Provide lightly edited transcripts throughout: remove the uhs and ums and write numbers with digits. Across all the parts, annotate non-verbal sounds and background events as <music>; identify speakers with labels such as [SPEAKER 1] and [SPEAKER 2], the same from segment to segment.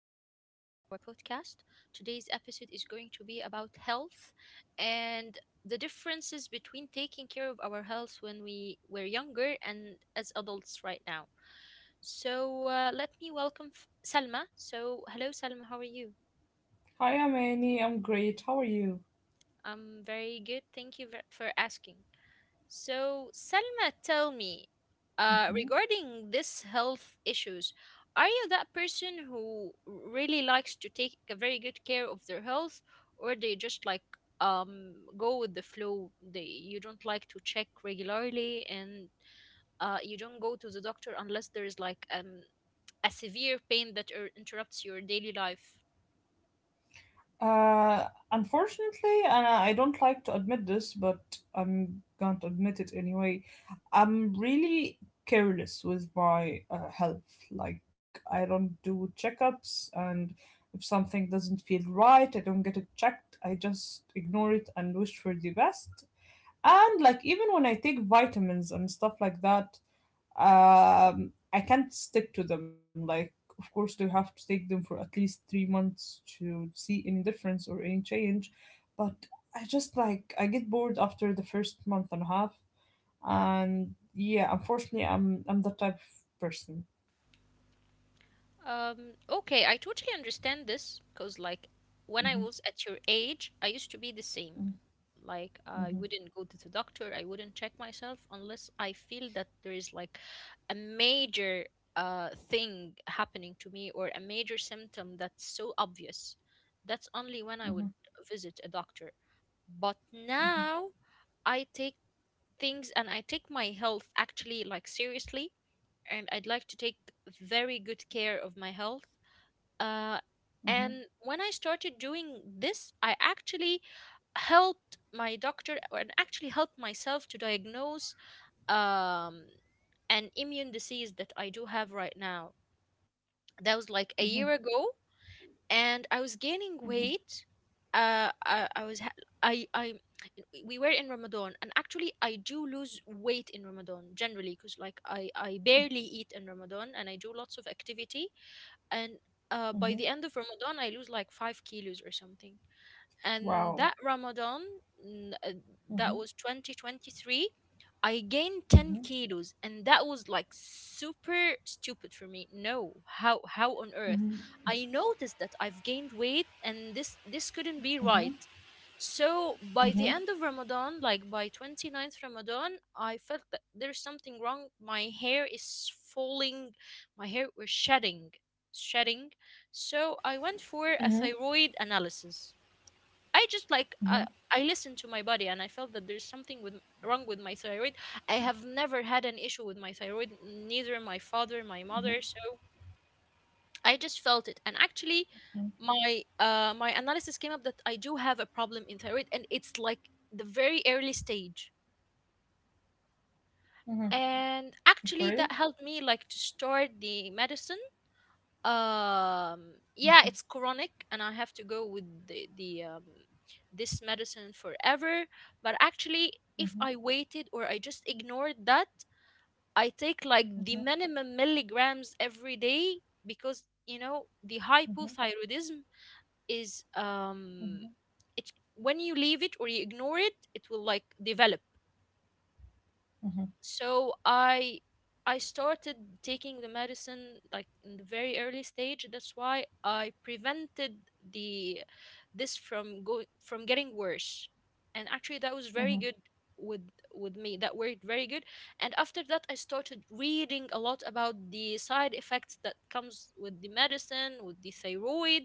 [SPEAKER 1] our podcast. Today's episode is going to be about health and the differences between taking care of our health when we were younger and as adults right now. So, let me welcome Salma. So, hello, Salma, how are you?
[SPEAKER 2] Hi, I'm Annie. I'm great. How are you?
[SPEAKER 1] I'm very good. Thank you for asking. So, Selma, tell me,
[SPEAKER 2] hmm
[SPEAKER 1] regarding this health issues, are you that person who really likes to take a very good care of their health, or they just like go with the flow? They You don't like to check regularly, and you don't go to the doctor unless there is like a severe pain that interrupts your daily life.
[SPEAKER 2] Unfortunately, and I don't like to admit this, but I'm going to admit it anyway. I'm really careless with my health. I don't do checkups, and if something doesn't feel right, I don't get it checked. I just ignore it and wish for the best. And, even when I take vitamins and stuff like that, I can't stick to them. Of course they have to take them for at least 3 months to see any difference or any change, but I just like I get bored after the first month and a half. And yeah, unfortunately, I'm that type of person.
[SPEAKER 1] Okay, I totally understand this because, like, when I was at your age, I used to be the same. Like, I wouldn't go to the doctor, I wouldn't check myself unless I feel that there is like a major thing happening to me or a major symptom that's so obvious. That's only when I
[SPEAKER 2] hmm
[SPEAKER 1] would visit a doctor. But
[SPEAKER 2] hmm
[SPEAKER 1] now I take things and I take my health actually like seriously, and I'd like to take very good care of my health, uh,
[SPEAKER 2] hmm
[SPEAKER 1] and when I started doing this, I actually helped my doctor and actually helped myself to diagnose um, an immune disease that I do have right now. That was like
[SPEAKER 2] hmm
[SPEAKER 1] a year ago, and I was
[SPEAKER 2] hmm
[SPEAKER 1] gaining weight. I was ha- I we were in Ramadan, and actually I do lose weight in Ramadan generally because like I barely eat in Ramadan, and I do lots of activity, and
[SPEAKER 2] hmm
[SPEAKER 1] by the end of Ramadan, I lose like 5 kilos or something. And
[SPEAKER 2] wow.
[SPEAKER 1] that n- uh,
[SPEAKER 2] hmm hmm
[SPEAKER 1] that was 2023, I gained 10
[SPEAKER 2] hmm
[SPEAKER 1] kilos, and that was like super stupid for me. No, how, how on
[SPEAKER 2] hmm
[SPEAKER 1] earth? I noticed that I've gained weight, and this couldn't
[SPEAKER 2] hmm
[SPEAKER 1] be right.
[SPEAKER 2] hmm
[SPEAKER 1] So
[SPEAKER 2] hmm
[SPEAKER 1] by the end of Ramadan, like by 29th Ramadan, I felt that there's something wrong, my hair is falling, my hair was shedding, shedding. So I went for a thyroid analysis. I just like
[SPEAKER 2] hmm
[SPEAKER 1] I listened to my body, and I felt that there's something with wrong with my thyroid. I have never had an issue with my thyroid, neither my father, my mother, so I just felt it. And actually my my analysis came up that I do have a problem in thyroid, and it's like the very early stage.
[SPEAKER 2] hmm
[SPEAKER 1] And actually that
[SPEAKER 2] Okay.
[SPEAKER 1] helped me like to start the medicine. Yeah, it's chronic and I have to go with the this medicine forever. But actually if
[SPEAKER 2] hmm
[SPEAKER 1] I
[SPEAKER 2] hmm
[SPEAKER 1] waited or I just ignored that, I take like the minimum milligrams every day, because you know the hypothyroidism is, it's when you leave it or you ignore it, it will like develop.
[SPEAKER 2] hmm
[SPEAKER 1] So I started taking the medicine like in the very early stage. That's why I prevented the this from going, from getting worse. And actually that was
[SPEAKER 2] hmm
[SPEAKER 1] very good with with me, that worked very good. And after that I started reading a lot about the side effects that comes with the medicine, with the thyroid.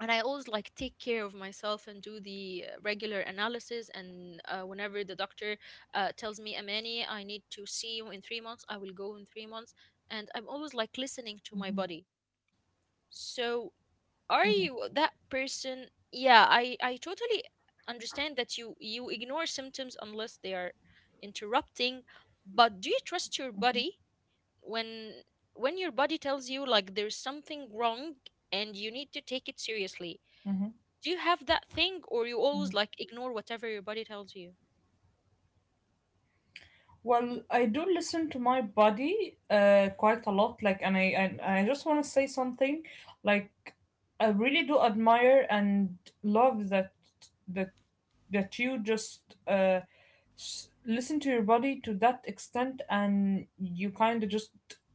[SPEAKER 1] And I always like take care of myself and do the regular analysis. And whenever the doctor tells me, Amani, I need to see you in 3 months, I will go in 3 months. And I'm always like listening to my
[SPEAKER 2] hmm
[SPEAKER 1] body. So are you that person? Yeah, I totally understand that you ignore symptoms unless they are interrupting. But do you trust your body when when your body tells you like there's something wrong, and you need to take it seriously?
[SPEAKER 2] Mhm,
[SPEAKER 1] Do you have that thing, or you
[SPEAKER 2] mhm.
[SPEAKER 1] always like ignore whatever your body tells you?
[SPEAKER 2] Well, I do listen to my body quite a lot. Like, and I just want to say something. Like, I really do admire and love that that you just listen to your body to that extent, and you kind of just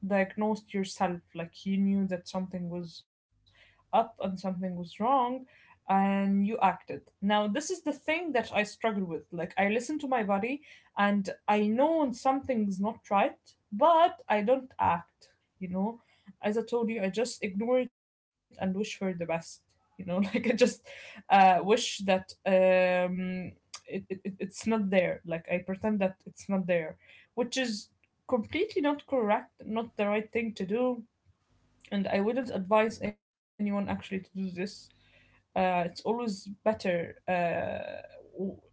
[SPEAKER 2] diagnosed yourself. Like, you knew that something was up and something was wrong, and you acted. Now, this is the thing that I struggle with. Like, I listen to my body and I know when something's not right, but I don't act. You know, as I told you, I just ignore it and wish for the best, <laughs> like I just wish that, it's not there. Like, I pretend that it's not there, which is completely not correct, not the right thing to do, and I wouldn't advise anyone actually to do this. It's always better. W-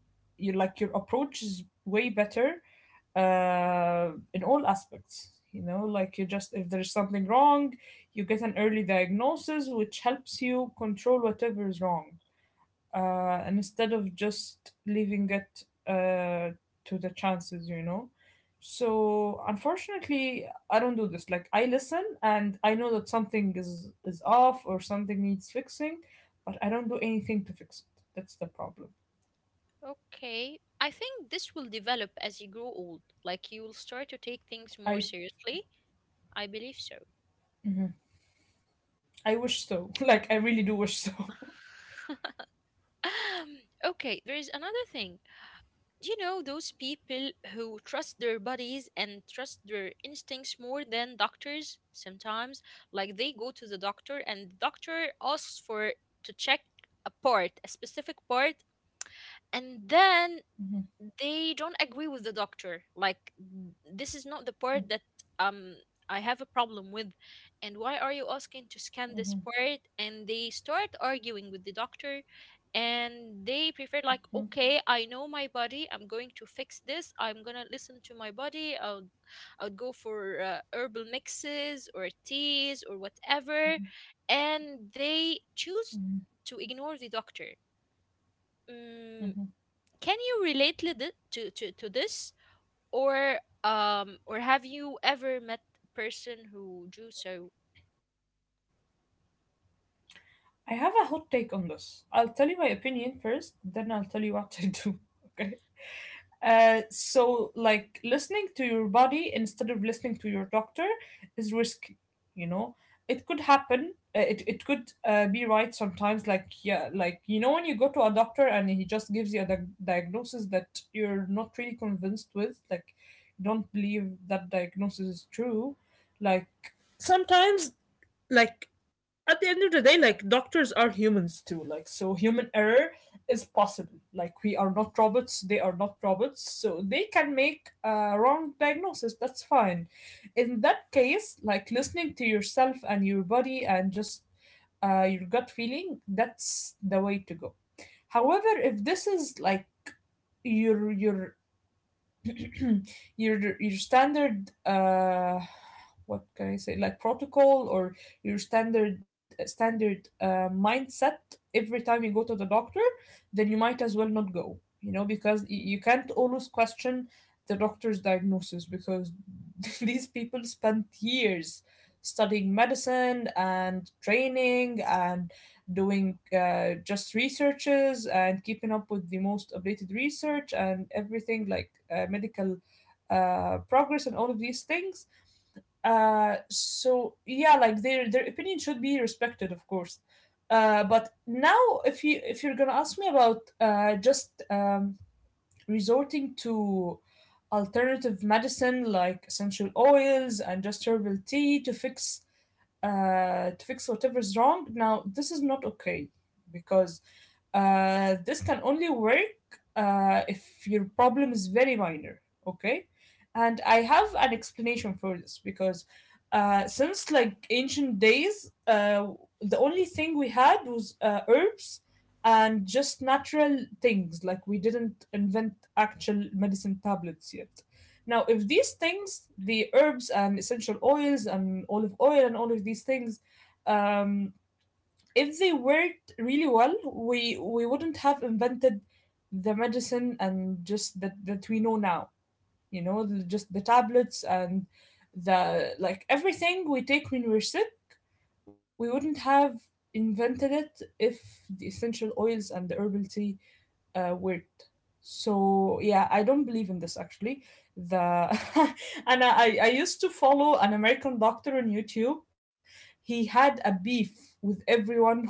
[SPEAKER 2] you, like, your approach is way better in all aspects. You know, like, you just, if there's something wrong, you get an early diagnosis, which helps you control whatever is wrong, instead of just leaving it to the chances, you know. So unfortunately, I don't do this. Like, I listen and I know that something is off, or something needs fixing, but I don't do anything to fix it. That's the problem.
[SPEAKER 1] Okay. I think this will develop as you grow old. Like you will start to take things more
[SPEAKER 2] I
[SPEAKER 1] seriously. I believe so.
[SPEAKER 2] I wish so. <laughs> Like, I really do wish so.
[SPEAKER 1] <laughs> Okay, there is another thing. Do you know those people who trust their bodies and trust their instincts more than doctors sometimes? Like they go to the doctor and the doctor asks for to check a part, a specific part, and then
[SPEAKER 2] <laughs>
[SPEAKER 1] they don't agree with the doctor like, this is not the part that um I have a problem with, and why are you asking to scan this part? And they start arguing with the doctor, and they prefer like, okay, I know my body, I'm going to fix this, I'm gonna listen to my body, I'll go for herbal mixes or teas or whatever. And they choose to ignore the doctor. Mm, can you relate to, to this? Or have you ever met a person who do so?
[SPEAKER 2] I have a hot take on this. I'll tell you my opinion first, then I'll tell you what I do. <laughs> Okay. So, like, listening to your body instead of listening to your doctor is risky, you know? It could happen. It could be right sometimes. Like, yeah, like, you know, when you go to a doctor and he just gives you a diagnosis that you're not really convinced with, like, you don't believe that diagnosis is true. Like, sometimes, like, at the end of the day, like, doctors are humans too. Like, so human error is possible. Like, we are not robots, they are not robots, so they can make a wrong diagnosis. That's fine. In that case, like, listening to yourself and your body and just your gut feeling, that's the way to go. However, if this is like your <clears throat> your standard what can I say, like, protocol, or your standard mindset every time you go to the doctor, then you might as well not go, you know, because you can't always question the doctor's diagnosis, because <laughs> these people spent years studying medicine and training and doing just researches and keeping up with the most updated research and everything, like, medical progress and all of these things. So yeah, like, their opinion should be respected, of course. But now, if you're gonna ask me about just, resorting to alternative medicine, like, essential oils and just herbal tea to fix, to fix whatever's wrong. Now, this is not okay, because this can only work if your problem is very minor, okay? And I have an explanation for this, because since, like, ancient days, the only thing we had was herbs and just natural things. Like, we didn't invent actual medicine tablets yet. Now, if these things, the herbs and essential oils and olive oil and all of these things, um, if they worked really well, we wouldn't have invented the medicine and just that we know now, you know, the, just the tablets and the, like, everything we take when we're sick. We wouldn't have invented it if the essential oils and the herbal tea weren't. So yeah, I don't believe in this actually. The <laughs> And I used to follow an American doctor on YouTube. He had a beef with everyone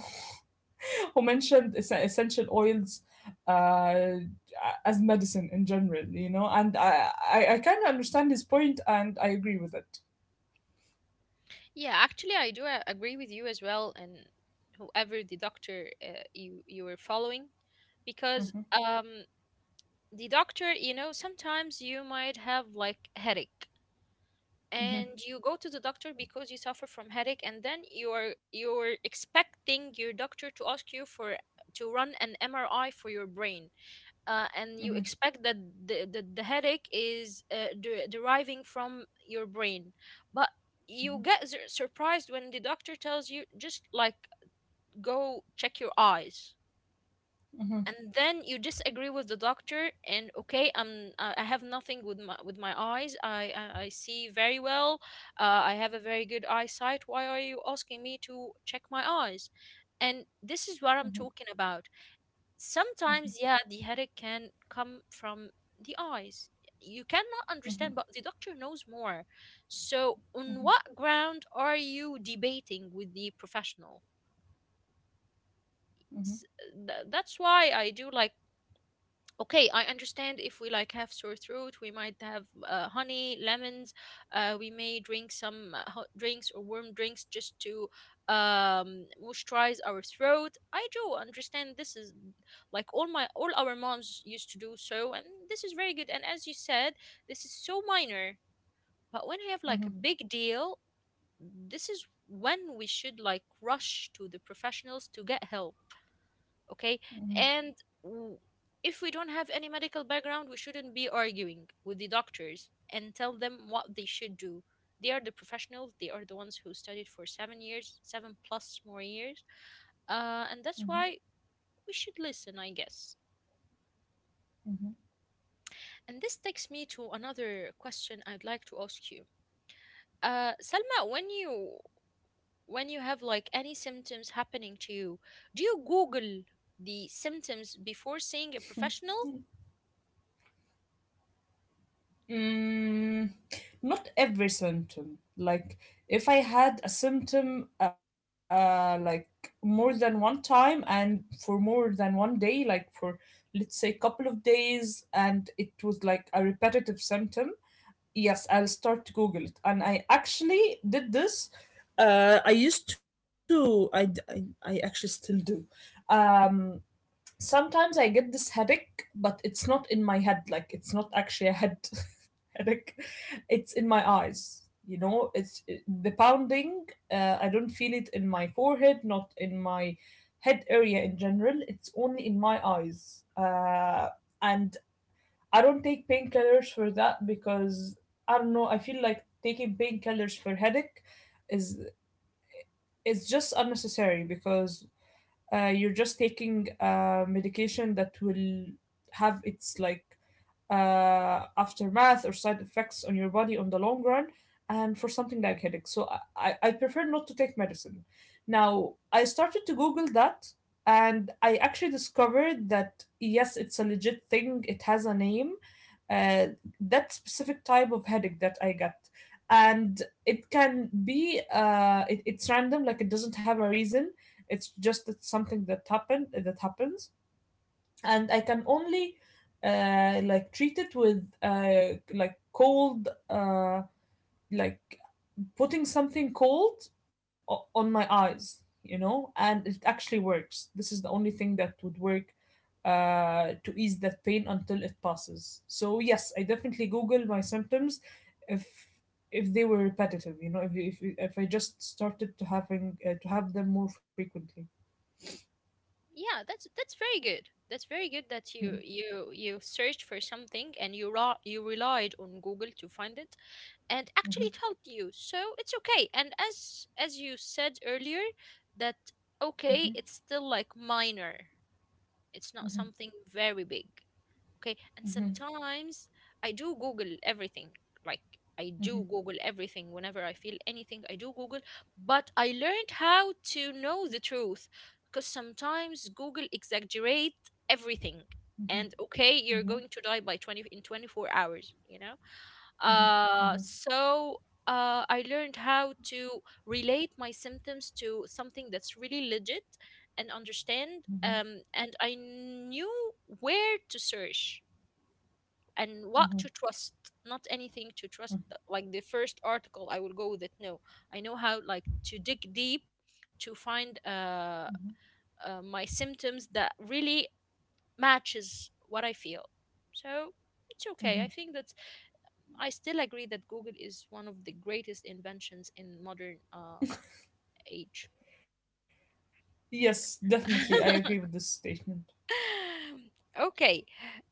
[SPEAKER 2] who mentioned essential oils uh, as medicine in general, you know, and I kind of understand his point and I agree with it.
[SPEAKER 1] Yeah, actually I do agree with you as well, and whoever the doctor you, you were following, because
[SPEAKER 2] Mhm,
[SPEAKER 1] the doctor, you know, sometimes you might have like headache,
[SPEAKER 2] mhm,
[SPEAKER 1] and you go to the doctor because you suffer from headache, and then you're expecting your doctor to ask you for to run an MRI for your brain, and you
[SPEAKER 2] mhm,
[SPEAKER 1] expect that the headache is deriving from your brain. But you get surprised when the doctor tells you just like, go check your eyes.
[SPEAKER 2] mhm, mhm,
[SPEAKER 1] And then you disagree with the doctor, and okay, I have nothing with my, with my eyes, I see very well. I have a very good eyesight, why are you asking me to check my eyes? And this is
[SPEAKER 2] mhm,
[SPEAKER 1] what I'm talking about. Sometimes, yeah, the headache can come from the eyes. You cannot
[SPEAKER 2] mhm, mhm,
[SPEAKER 1] understand, but the doctor knows more. So on what ground are you debating with the professional?
[SPEAKER 2] mhm,
[SPEAKER 1] S- that's why I do like, okay, I understand if we like have sore throat, we might have honey lemons, we may drink some hot drinks or warm drinks just to moisturize our throat. I do understand this is like all my, all our moms used to do so, and this is very good. And as you said, this is so minor. But when I have like a
[SPEAKER 2] mhm,
[SPEAKER 1] big deal, this is when we should like rush to the professionals to get help. Okay.
[SPEAKER 2] mhm,
[SPEAKER 1] And w- if we don't have any medical background, we shouldn't be arguing with the doctors and tell them what they should do. They are the professionals, they are the ones who studied for 7 years, seven plus more years. And that's
[SPEAKER 2] mhm,
[SPEAKER 1] why we should listen, I guess.
[SPEAKER 2] Mhm.
[SPEAKER 1] And this takes me to another question I'd like to ask you. Selma, when you, when you have like any symptoms happening to you, do you google the symptoms before seeing a professional?
[SPEAKER 2] Mm, not every symptom. Like, if I had a symptom like more than one time and for more than 1 day, like, for let's say couple of days, and it was like a repetitive symptom, yes, I'll start to Google it. And I actually did this. I used to, I actually still do. Um Sometimes I get this headache, but it's not in my head. Like, it's not actually a head <laughs> headache. It's in my eyes. You know, it's the pounding. I don't feel it in my forehead, not in my head area in general. It's only in my eyes. And I don't take painkillers for that, because I don't know. I feel like taking painkillers for headache is is just unnecessary, because you're just taking medication that will have its, like, aftermath or side effects on your body on the long run, and for something like headache. So, I, I prefer not to take medicine. Now, I started to Google that, and I actually discovered that yes, it's a legit thing, it has a name. Uh, that specific type of headache that I get. And it can be, it's random, like, it doesn't have a reason. It's just that something that happened that happens, and I can only like, treat it with, like, cold, like, putting something cold on my eyes, you know, and it actually works. This is the only thing that would work to ease that pain until it passes. So yes, I definitely Google my symptoms if, they were repetitive, you know, if I just started to having, to have them more frequently.
[SPEAKER 1] Yeah, that's very good, that's very good that
[SPEAKER 2] Mm-hmm,
[SPEAKER 1] you searched for something and you you relied on Google to find it. And actually it helped you, so it's okay. And as you said earlier, that okay, it's still like minor, it's not something very big. Okay, and sometimes I do google everything. Like I do google everything whenever I feel anything, I do google. But I learned how to know the truth, because sometimes Google exaggerate everything, and okay, you're
[SPEAKER 2] mm-hmm,
[SPEAKER 1] going to die by 20 in 24 hours, you know.
[SPEAKER 2] mm-hmm,
[SPEAKER 1] uh
[SPEAKER 2] mm-hmm,
[SPEAKER 1] so I learned how to relate my symptoms to something that's really legit and understand.
[SPEAKER 2] mm-hmm, mm-hmm.
[SPEAKER 1] And I knew where to search and what
[SPEAKER 2] mm-hmm,
[SPEAKER 1] to trust. Not anything to trust,
[SPEAKER 2] mm-hmm,
[SPEAKER 1] like the first article I will go with it, no. I know how like to dig deep to find
[SPEAKER 2] mm-hmm.
[SPEAKER 1] my symptoms that really matches what I feel. So it's okay, I
[SPEAKER 2] Mhm.
[SPEAKER 1] think that I still agree that Google is one of the greatest inventions in modern age.
[SPEAKER 2] Yes, definitely. I agree with this
[SPEAKER 1] <laughs>
[SPEAKER 2] statement.
[SPEAKER 1] Okay,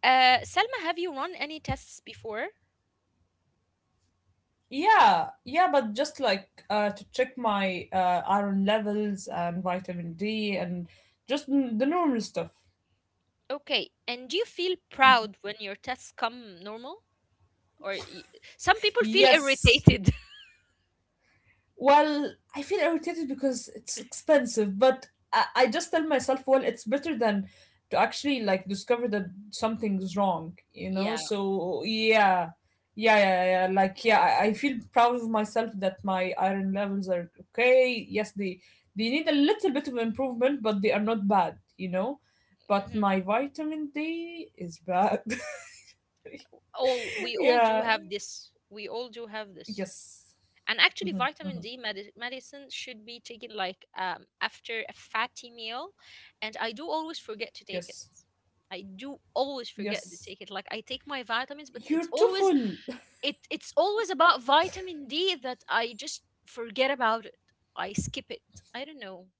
[SPEAKER 1] Selma, have you run any tests before?
[SPEAKER 2] Yeah, yeah, but just like, to check my iron levels and vitamin D and just the normal stuff.
[SPEAKER 1] Okay, and do you feel proud when your tests come normal? or y- some people feel
[SPEAKER 2] Yes.
[SPEAKER 1] irritated. <laughs>
[SPEAKER 2] Well, I feel irritated because it's expensive, but I just tell myself, well, it's better than to actually, like, discover that something's wrong, you know?
[SPEAKER 1] Yeah.
[SPEAKER 2] So yeah. Yeah, yeah, yeah, yeah. Like, yeah, I feel proud of myself that my iron levels are okay. Yes, they need a little bit of improvement, but they are not bad, you know? But
[SPEAKER 1] Hmm,
[SPEAKER 2] my vitamin D is bad.
[SPEAKER 1] all, we
[SPEAKER 2] <laughs>
[SPEAKER 1] all do
[SPEAKER 2] Yeah.
[SPEAKER 1] have this, we all do have this.
[SPEAKER 2] Yes.
[SPEAKER 1] And actually
[SPEAKER 2] hmm
[SPEAKER 1] vitamin D medicine should be taken like, after a fatty meal, and I do always forget to
[SPEAKER 2] Yes.
[SPEAKER 1] take it, I do always forget
[SPEAKER 2] Yes.
[SPEAKER 1] to take it. Like I take my vitamins, but
[SPEAKER 2] You're
[SPEAKER 1] it's
[SPEAKER 2] too
[SPEAKER 1] always,
[SPEAKER 2] full.
[SPEAKER 1] it, it's always about vitamin D that I just forget about it. I skip it. I don't know.
[SPEAKER 2] hmm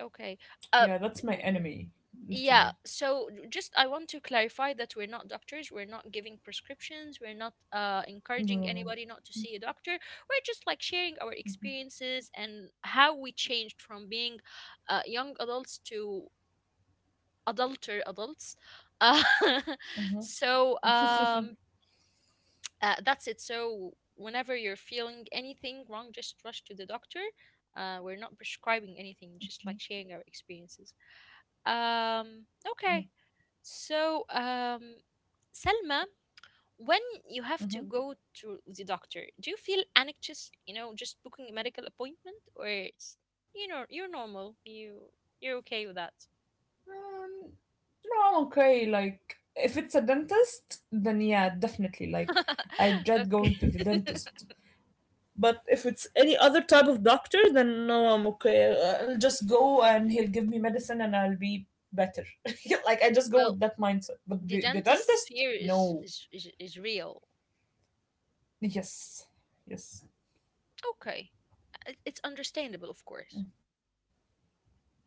[SPEAKER 1] Okay.
[SPEAKER 2] Yeah, that's my
[SPEAKER 1] Um
[SPEAKER 2] enemy,
[SPEAKER 1] n-
[SPEAKER 2] literally.
[SPEAKER 1] yeah, so just I want to clarify that we're not doctors, we're not giving prescriptions, we're not
[SPEAKER 2] No,
[SPEAKER 1] encouraging
[SPEAKER 2] no,
[SPEAKER 1] anybody not to see a doctor. We're just like sharing our experiences and how we changed from being young adults to adulter adults. <laughs> Uh, <laughs>
[SPEAKER 2] no.
[SPEAKER 1] so
[SPEAKER 2] Mm-hmm. <laughs>
[SPEAKER 1] That's it. So whenever you're feeling anything wrong, just rush to the doctor. We're not prescribing anything, just like sharing our experiences. Um,
[SPEAKER 2] hmm
[SPEAKER 1] okay. So, Selma, when you have to
[SPEAKER 2] Um,
[SPEAKER 1] go to the doctor, do you feel anxious? You know, just booking a medical appointment, or it's you're normal. You're okay with that.
[SPEAKER 2] no, I'm okay. Like, if it's a dentist, then yeah, definitely. Like, I
[SPEAKER 1] <laughs>
[SPEAKER 2] dread
[SPEAKER 1] Okay.
[SPEAKER 2] going to the dentist. But if it's any other type of doctor, then no, I'm okay. I'll just go and he'll give me medicine and I'll be better. <laughs> Like, I just
[SPEAKER 1] <laughs>
[SPEAKER 2] go with
[SPEAKER 1] Well,
[SPEAKER 2] that mindset. But
[SPEAKER 1] the
[SPEAKER 2] the
[SPEAKER 1] dentist
[SPEAKER 2] dentist,
[SPEAKER 1] fear is
[SPEAKER 2] no.
[SPEAKER 1] is is, is real.
[SPEAKER 2] Yes. Yes.
[SPEAKER 1] Okay. It's understandable, of course.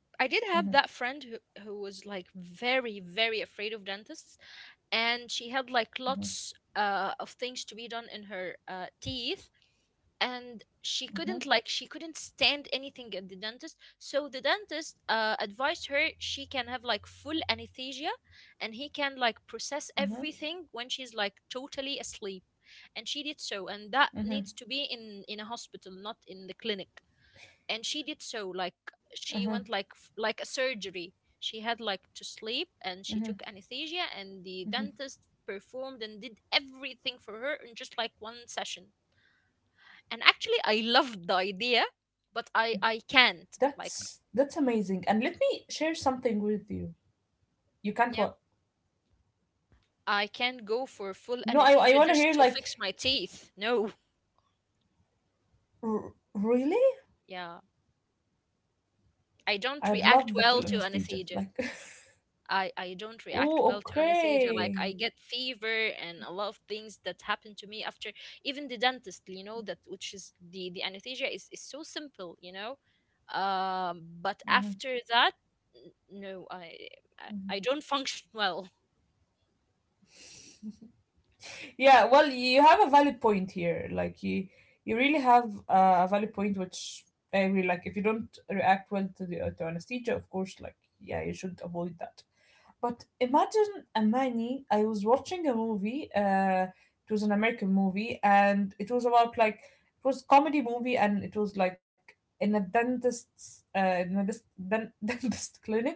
[SPEAKER 2] Mm-hmm.
[SPEAKER 1] I did have that friend who was like very, very afraid of dentists, and she had like lots of things to be done in her teeth, and
[SPEAKER 2] Mm-hmm.
[SPEAKER 1] she couldn't stand anything at the dentist. So the dentist advised her she can have like full anesthesia, and he can like process
[SPEAKER 2] Mm-hmm.
[SPEAKER 1] everything when she's like totally asleep, and she did so, and that needs to be in a hospital, not in the clinic. And she did so, like she went like like a surgery. She had like to sleep and she took anesthesia, and the dentist performed and did everything for her in just like one session. And actually, I loved the idea,
[SPEAKER 2] That's
[SPEAKER 1] but
[SPEAKER 2] that's
[SPEAKER 1] I
[SPEAKER 2] amazing. And
[SPEAKER 1] can't
[SPEAKER 2] let me
[SPEAKER 1] like,
[SPEAKER 2] share something with you. You can't what?
[SPEAKER 1] yeah, I
[SPEAKER 2] No,
[SPEAKER 1] can't
[SPEAKER 2] I
[SPEAKER 1] go
[SPEAKER 2] want to
[SPEAKER 1] for
[SPEAKER 2] hear,
[SPEAKER 1] full
[SPEAKER 2] like,
[SPEAKER 1] anesthesia just to fix my teeth. No,
[SPEAKER 2] really?
[SPEAKER 1] yeah, I
[SPEAKER 2] I'd
[SPEAKER 1] don't
[SPEAKER 2] love the
[SPEAKER 1] react
[SPEAKER 2] full
[SPEAKER 1] well to
[SPEAKER 2] anesthesia. Like,
[SPEAKER 1] anesthesia.
[SPEAKER 2] <laughs>
[SPEAKER 1] I don't react
[SPEAKER 2] oh,
[SPEAKER 1] well to anesthesia. Like, I
[SPEAKER 2] okay.
[SPEAKER 1] get fever and a lot of things that happen to me after, even the dentist, you know, that which is the anesthesia is so simple, you know. But
[SPEAKER 2] Mhm,
[SPEAKER 1] after that, n- no, I
[SPEAKER 2] mhm.
[SPEAKER 1] I I don't <laughs> function well.
[SPEAKER 2] Yeah, well, you have a valid point here. Like, you really have a valid point, which I agree. Like, if you don't react well to the, to anesthesia, of course, like, yeah, you should avoid that. But imagine, Amani, I was watching a movie, it was an American movie, and it was about, like, it was comedy movie, and it was like in a dentist's, in a dis- den- <laughs> dentist clinic.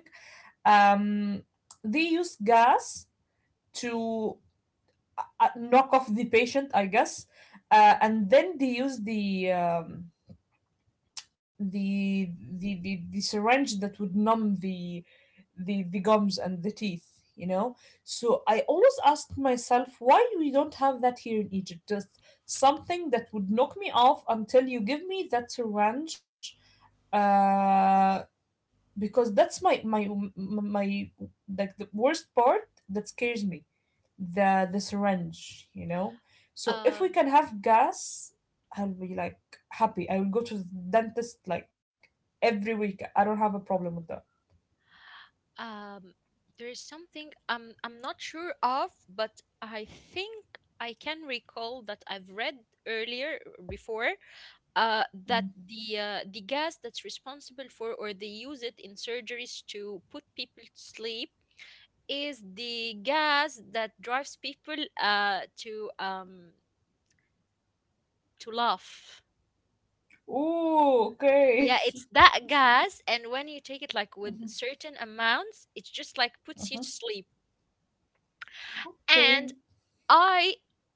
[SPEAKER 2] Um, they use gas to knock off the patient, I guess, and then they use the, the syringe that would numb the gums and the teeth. So I always asked myself why we don't have that here in Egypt, just something that would knock me off until you give me that syringe, uh, because that's my like the worst part that scares me, the syringe. So if we
[SPEAKER 1] Um,
[SPEAKER 2] can have gas, I'll be like happy. I will go to the dentist like every week. I don't have a problem with that.
[SPEAKER 1] um, there is something I'm not sure of, but I think I can recall that I've read earlier before, that
[SPEAKER 2] Mhm.
[SPEAKER 1] the gas that's responsible for, or they use it in surgeries to put people to sleep, is the gas that drives people to laugh.
[SPEAKER 2] Ooh, okay.
[SPEAKER 1] Yeah,
[SPEAKER 2] <laughs>
[SPEAKER 1] it's that gas, and when you take it
[SPEAKER 2] Mhm,
[SPEAKER 1] like with certain amounts, it just like puts
[SPEAKER 2] mhm.
[SPEAKER 1] you to sleep.
[SPEAKER 2] Okay.
[SPEAKER 1] And I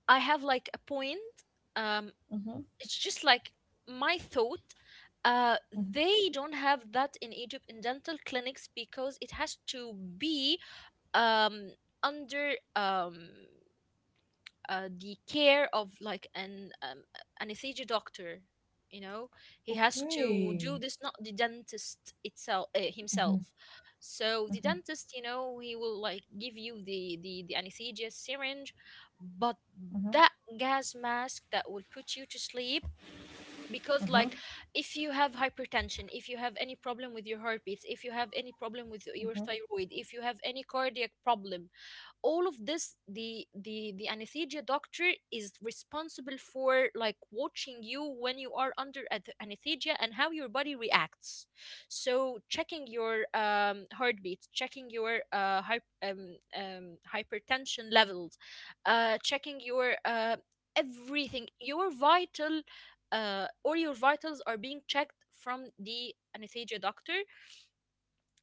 [SPEAKER 1] I have like a point. Um,
[SPEAKER 2] Mhm.
[SPEAKER 1] it's just like my thought, they don't have that in Egypt in dental clinics because it has to be um under the care of like an anesthesia doctor, you know. He has to
[SPEAKER 2] Okay.
[SPEAKER 1] do this, not the dentist itself himself. So the dentist, you know, he will like give you the anesthesia syringe, but that gas mask that will put you to sleep, because like, if you have hypertension, if you have any problem with your heartbeats, if you have any problem with your thyroid, if you have any cardiac problem, all of this, the anesthesia doctor is responsible for like watching you when you are under anesthesia and how your body reacts. So checking your heartbeat, checking your hypertension levels, checking your everything. Your vital or your vitals are being checked from the anesthesia doctor.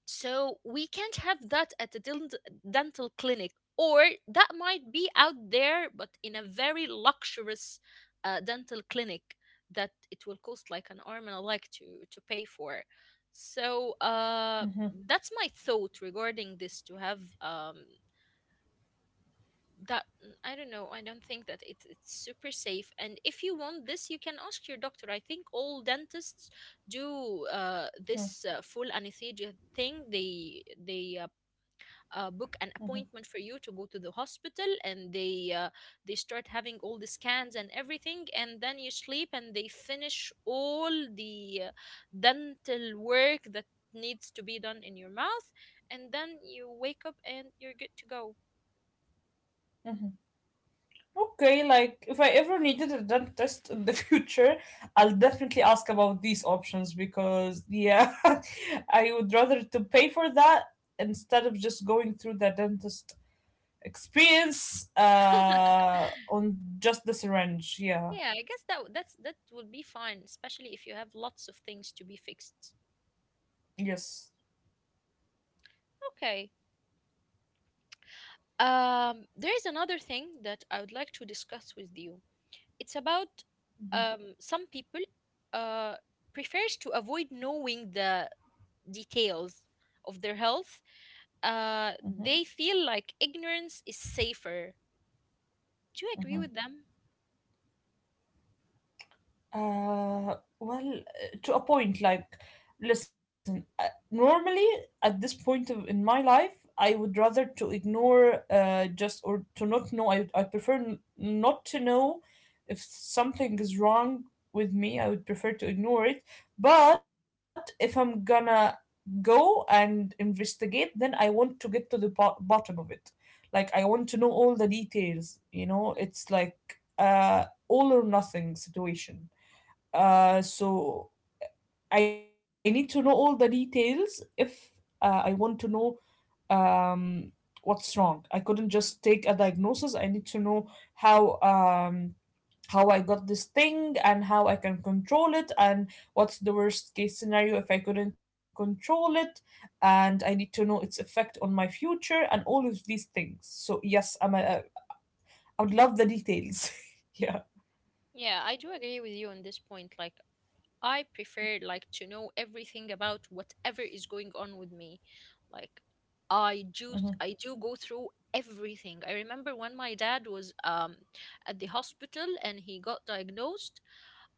[SPEAKER 1] So we can't have that at the dental clinic, or that might be out there, but in a very luxurious dental clinic that it will cost like an arm and a leg to pay for. So
[SPEAKER 2] Mhm,
[SPEAKER 1] that's my thought regarding this. To have that, mm, I don't know. I don't think that it's super safe. And if you want this, you can ask your doctor. I think all dentists do
[SPEAKER 2] mhm,
[SPEAKER 1] this full anesthesia thing. They book an appointment for you to go to the hospital, and they start having all the scans and everything, and then you sleep and they finish all the dental work that needs to be done in your mouth, and then you wake up and you're good to go.
[SPEAKER 2] mhm. Okay, like if I ever needed a done test in the <laughs> future, I'll definitely ask about these options because yeah, <laughs> I would rather to pay for that instead of just going through the dentist experience,
[SPEAKER 1] <laughs>
[SPEAKER 2] uh, on just the syringe. Yeah.
[SPEAKER 1] Yeah, I guess that that would be fine, especially if you have lots of things to be fixed.
[SPEAKER 2] Yes.
[SPEAKER 1] Okay. Um, there is another thing that I would like to discuss with you. It's about,
[SPEAKER 2] Mhm,
[SPEAKER 1] some people, uh, prefers to avoid knowing the details of their health.
[SPEAKER 2] mhm,
[SPEAKER 1] They feel like ignorance is safer. Do you agree
[SPEAKER 2] mhm.
[SPEAKER 1] with them?
[SPEAKER 2] Well, to a point, like, listen, normally at this point of, in my life, I would rather to ignore, just or to not know. I prefer not to know if something is wrong with me. I would prefer to ignore it. But if I'm gonna go and investigate, then I want to get to the bottom of it. Like, I want to know all the details,
[SPEAKER 1] Hmm.
[SPEAKER 2] you know? It's like all or nothing situation, so I need to know all the details if, I want to know, um, what's wrong. I couldn't just take a diagnosis. I need to know how, how I got this thing and how I can control it and what's the worst case scenario if I couldn't control it. And I need to know its effect on my future and all of these things. So yes, I'm a, I would love the details. <laughs> Yeah.
[SPEAKER 1] Yeah, I do agree with you on this point. Like, I prefer like to know everything about whatever is going on with me. Like, I do
[SPEAKER 2] Hmm.
[SPEAKER 1] I do go through everything. I remember when my dad was, um, at the hospital and he got diagnosed,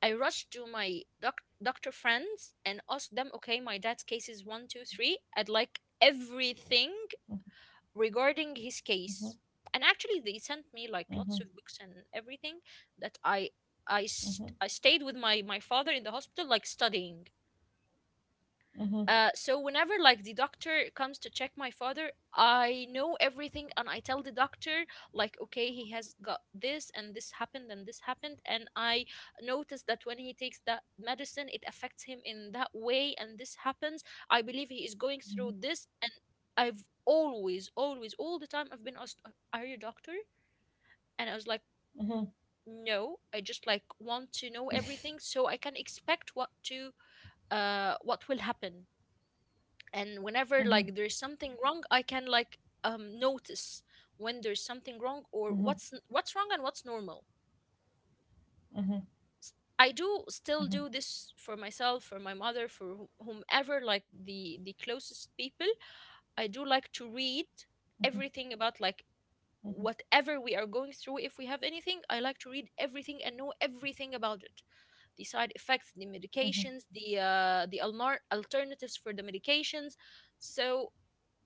[SPEAKER 1] I rushed to my doctor friends and asked them, okay, my dad's case is one, two, three. I'd like everything regarding his
[SPEAKER 2] Hmm.
[SPEAKER 1] case. And actually, they sent me like lots
[SPEAKER 2] Hmm.
[SPEAKER 1] of books and everything, that
[SPEAKER 2] Hmm.
[SPEAKER 1] I stayed with my father in the hospital, like studying.
[SPEAKER 2] Hmm.
[SPEAKER 1] Uh, so whenever like the doctor comes to check my father, I know everything, and I tell the doctor like, okay, he has got this, and this happened and this happened, and I notice that when he takes that medicine, it affects him in that way, and this happens. I believe he is going through this. And I've always, always, all the time I've been asked, are you a doctor?" And I was like,
[SPEAKER 2] Hmm.
[SPEAKER 1] no, I just like want to know everything so I can expect what to, what will happen. And whenever like
[SPEAKER 2] Mhm,
[SPEAKER 1] there's something wrong, I can like, notice when there's something wrong, or
[SPEAKER 2] mhm,
[SPEAKER 1] what's what's wrong and what's normal.
[SPEAKER 2] mhm,
[SPEAKER 1] I do still
[SPEAKER 2] mhm,
[SPEAKER 1] do this for myself, for my mother, for whomever, like the closest people. I do like to read
[SPEAKER 2] mhm,
[SPEAKER 1] everything about like
[SPEAKER 2] mhm, mhm,
[SPEAKER 1] whatever we are going through. If we have anything, I like to read everything and know everything about it: the side effects, the medications, the the alternatives for the medications. So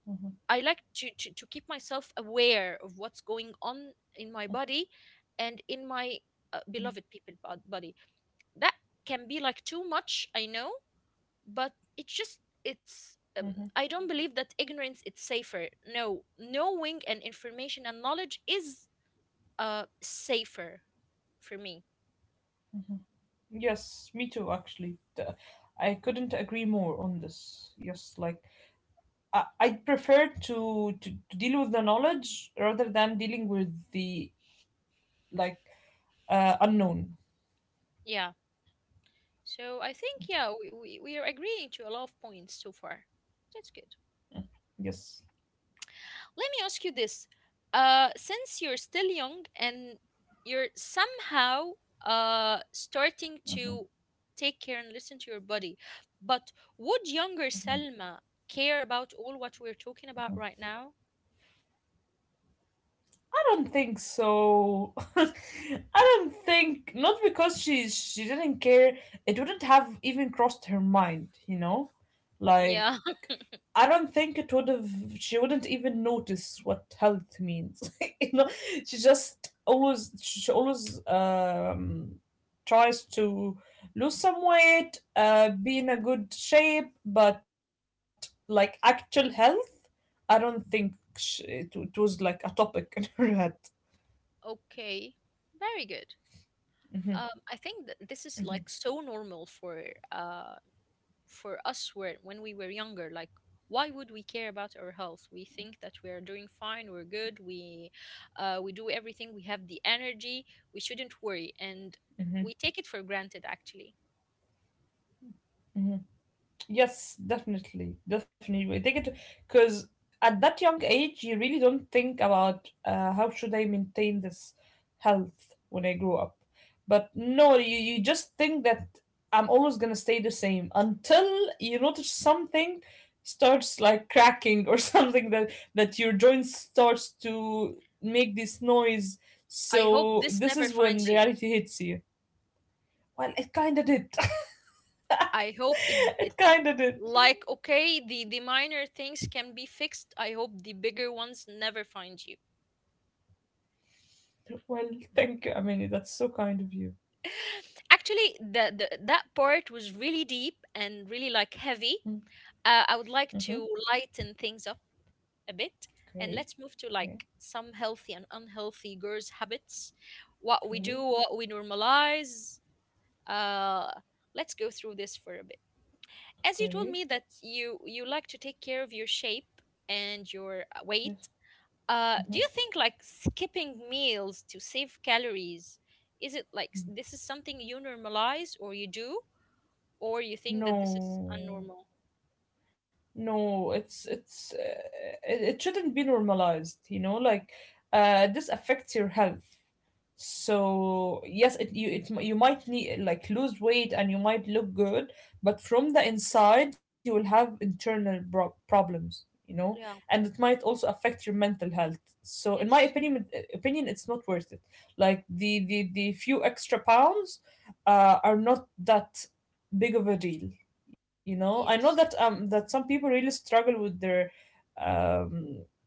[SPEAKER 2] mhm,
[SPEAKER 1] I like to keep myself aware of what's going on in my body and in my,
[SPEAKER 2] mhm.
[SPEAKER 1] beloved people body. That can be like too much, I know, but it's just, it's,
[SPEAKER 2] Mhm.
[SPEAKER 1] I don't believe that ignorance is safer. No, knowing and information and knowledge is, safer for me.
[SPEAKER 2] Yes, me too, actually. I couldn't agree more on this. Yes, like I prefer to deal with the knowledge rather than dealing with the like, unknown.
[SPEAKER 1] Yeah. So I think, yeah, we are agreeing to a lot of points so far. That's good.
[SPEAKER 2] Yes.
[SPEAKER 1] Let me ask you this. Since you're still young and you're somehow, starting
[SPEAKER 2] Mhm.
[SPEAKER 1] to take care and listen to your body, but would younger Selma care about all what we're talking about right now?
[SPEAKER 2] I don't think so. <laughs> I don't think not because she didn't care. It wouldn't have even crossed her mind, you know? Like
[SPEAKER 1] Yeah. <laughs>
[SPEAKER 2] I don't think it would have. She wouldn't even notice what health means. <laughs> You know, she just always she always tries to lose some weight, be in a good shape, but like actual health, I don't think it was like a topic <laughs> in her head.
[SPEAKER 1] Okay. Very good.
[SPEAKER 2] Hmm.
[SPEAKER 1] I think that this is like so normal for, uh for us, were when we were younger. Like, why would we care about our health? We think that we are doing fine, we're good, we, we do everything, we have the energy, we shouldn't worry, and we take it for granted, actually.
[SPEAKER 2] Hmm. Yes, definitely, definitely. They get because at that young age, you really don't think about, how should I maintain this health when I grow up. But no, you just think that I'm always gonna stay the same until you notice something starts like cracking or <laughs> something that that your joints starts to make this noise.
[SPEAKER 1] I hope
[SPEAKER 2] So
[SPEAKER 1] this
[SPEAKER 2] this
[SPEAKER 1] never
[SPEAKER 2] is when
[SPEAKER 1] finds you.
[SPEAKER 2] reality hits you. Well, it kinda did.
[SPEAKER 1] I hope
[SPEAKER 2] <laughs>
[SPEAKER 1] it,
[SPEAKER 2] It kinda did.
[SPEAKER 1] like, okay, the minor things can be fixed. I hope the bigger ones never find you.
[SPEAKER 2] Well, thank you. I mean, that's so kind of you.
[SPEAKER 1] <laughs> Actually, the that part was really deep and really like heavy.
[SPEAKER 2] Mm-hmm.
[SPEAKER 1] Uh, I would like to lighten things up a bit, and let's move
[SPEAKER 2] Okay.
[SPEAKER 1] to like
[SPEAKER 2] Okay.
[SPEAKER 1] some healthy and unhealthy girls' habits, what we do, what
[SPEAKER 2] Okay.
[SPEAKER 1] we normalize. Uh, let's go through this for a bit. As you told me
[SPEAKER 2] Okay.
[SPEAKER 1] that you like to take care of your shape and your,
[SPEAKER 2] Yes.
[SPEAKER 1] weight, do you
[SPEAKER 2] Hmm.
[SPEAKER 1] think like skipping meals to save calories, is it like, this is something you normalize or you do, or you think that this is
[SPEAKER 2] No.
[SPEAKER 1] unnormal?
[SPEAKER 2] No, it's it, it shouldn't be normalized, you know, like this affects your health. So yes it you you might need like lose weight and you might look good, but from the inside you will have internal problems, you know. And
[SPEAKER 1] Yeah.
[SPEAKER 2] it might also affect your mental health. So in my
[SPEAKER 1] Yes.
[SPEAKER 2] opinion opinion it's not worth it. Like the few extra pounds, are not that big of a deal. You know, I know that
[SPEAKER 1] Yes.
[SPEAKER 2] that some people really struggle with their, um,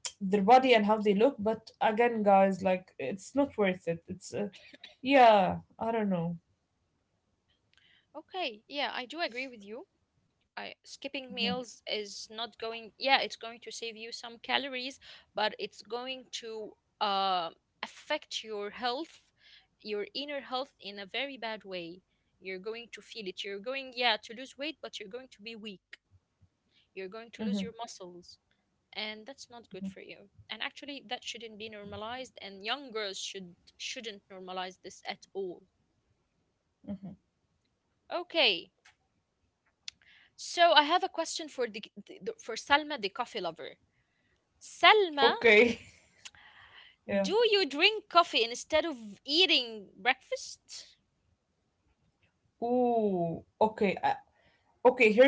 [SPEAKER 2] their body and how they look. But again, guys, like it's not worth it. It's, yeah, I don't know.
[SPEAKER 1] Okay. Yeah, I do agree with you. I,
[SPEAKER 2] Mhm,
[SPEAKER 1] skipping meals is not going, yeah, it's going to save you some calories, but it's going to, uh, affect your health, your inner health, in a very bad way. You're going to feel it, you're going, yeah, to lose weight, but you're going to be weak. You're going to
[SPEAKER 2] mhm,
[SPEAKER 1] lose your muscles, and that's not
[SPEAKER 2] mhm,
[SPEAKER 1] good for you. And actually that shouldn't be normalized, and young girls shouldn't normalize this at all.
[SPEAKER 2] mhm.
[SPEAKER 1] Okay. So I have a question for the for Salma the coffee lover. Salma,
[SPEAKER 2] Okay, <laughs> yeah.
[SPEAKER 1] do you drink coffee instead of eating breakfast?
[SPEAKER 2] Ooh, okay,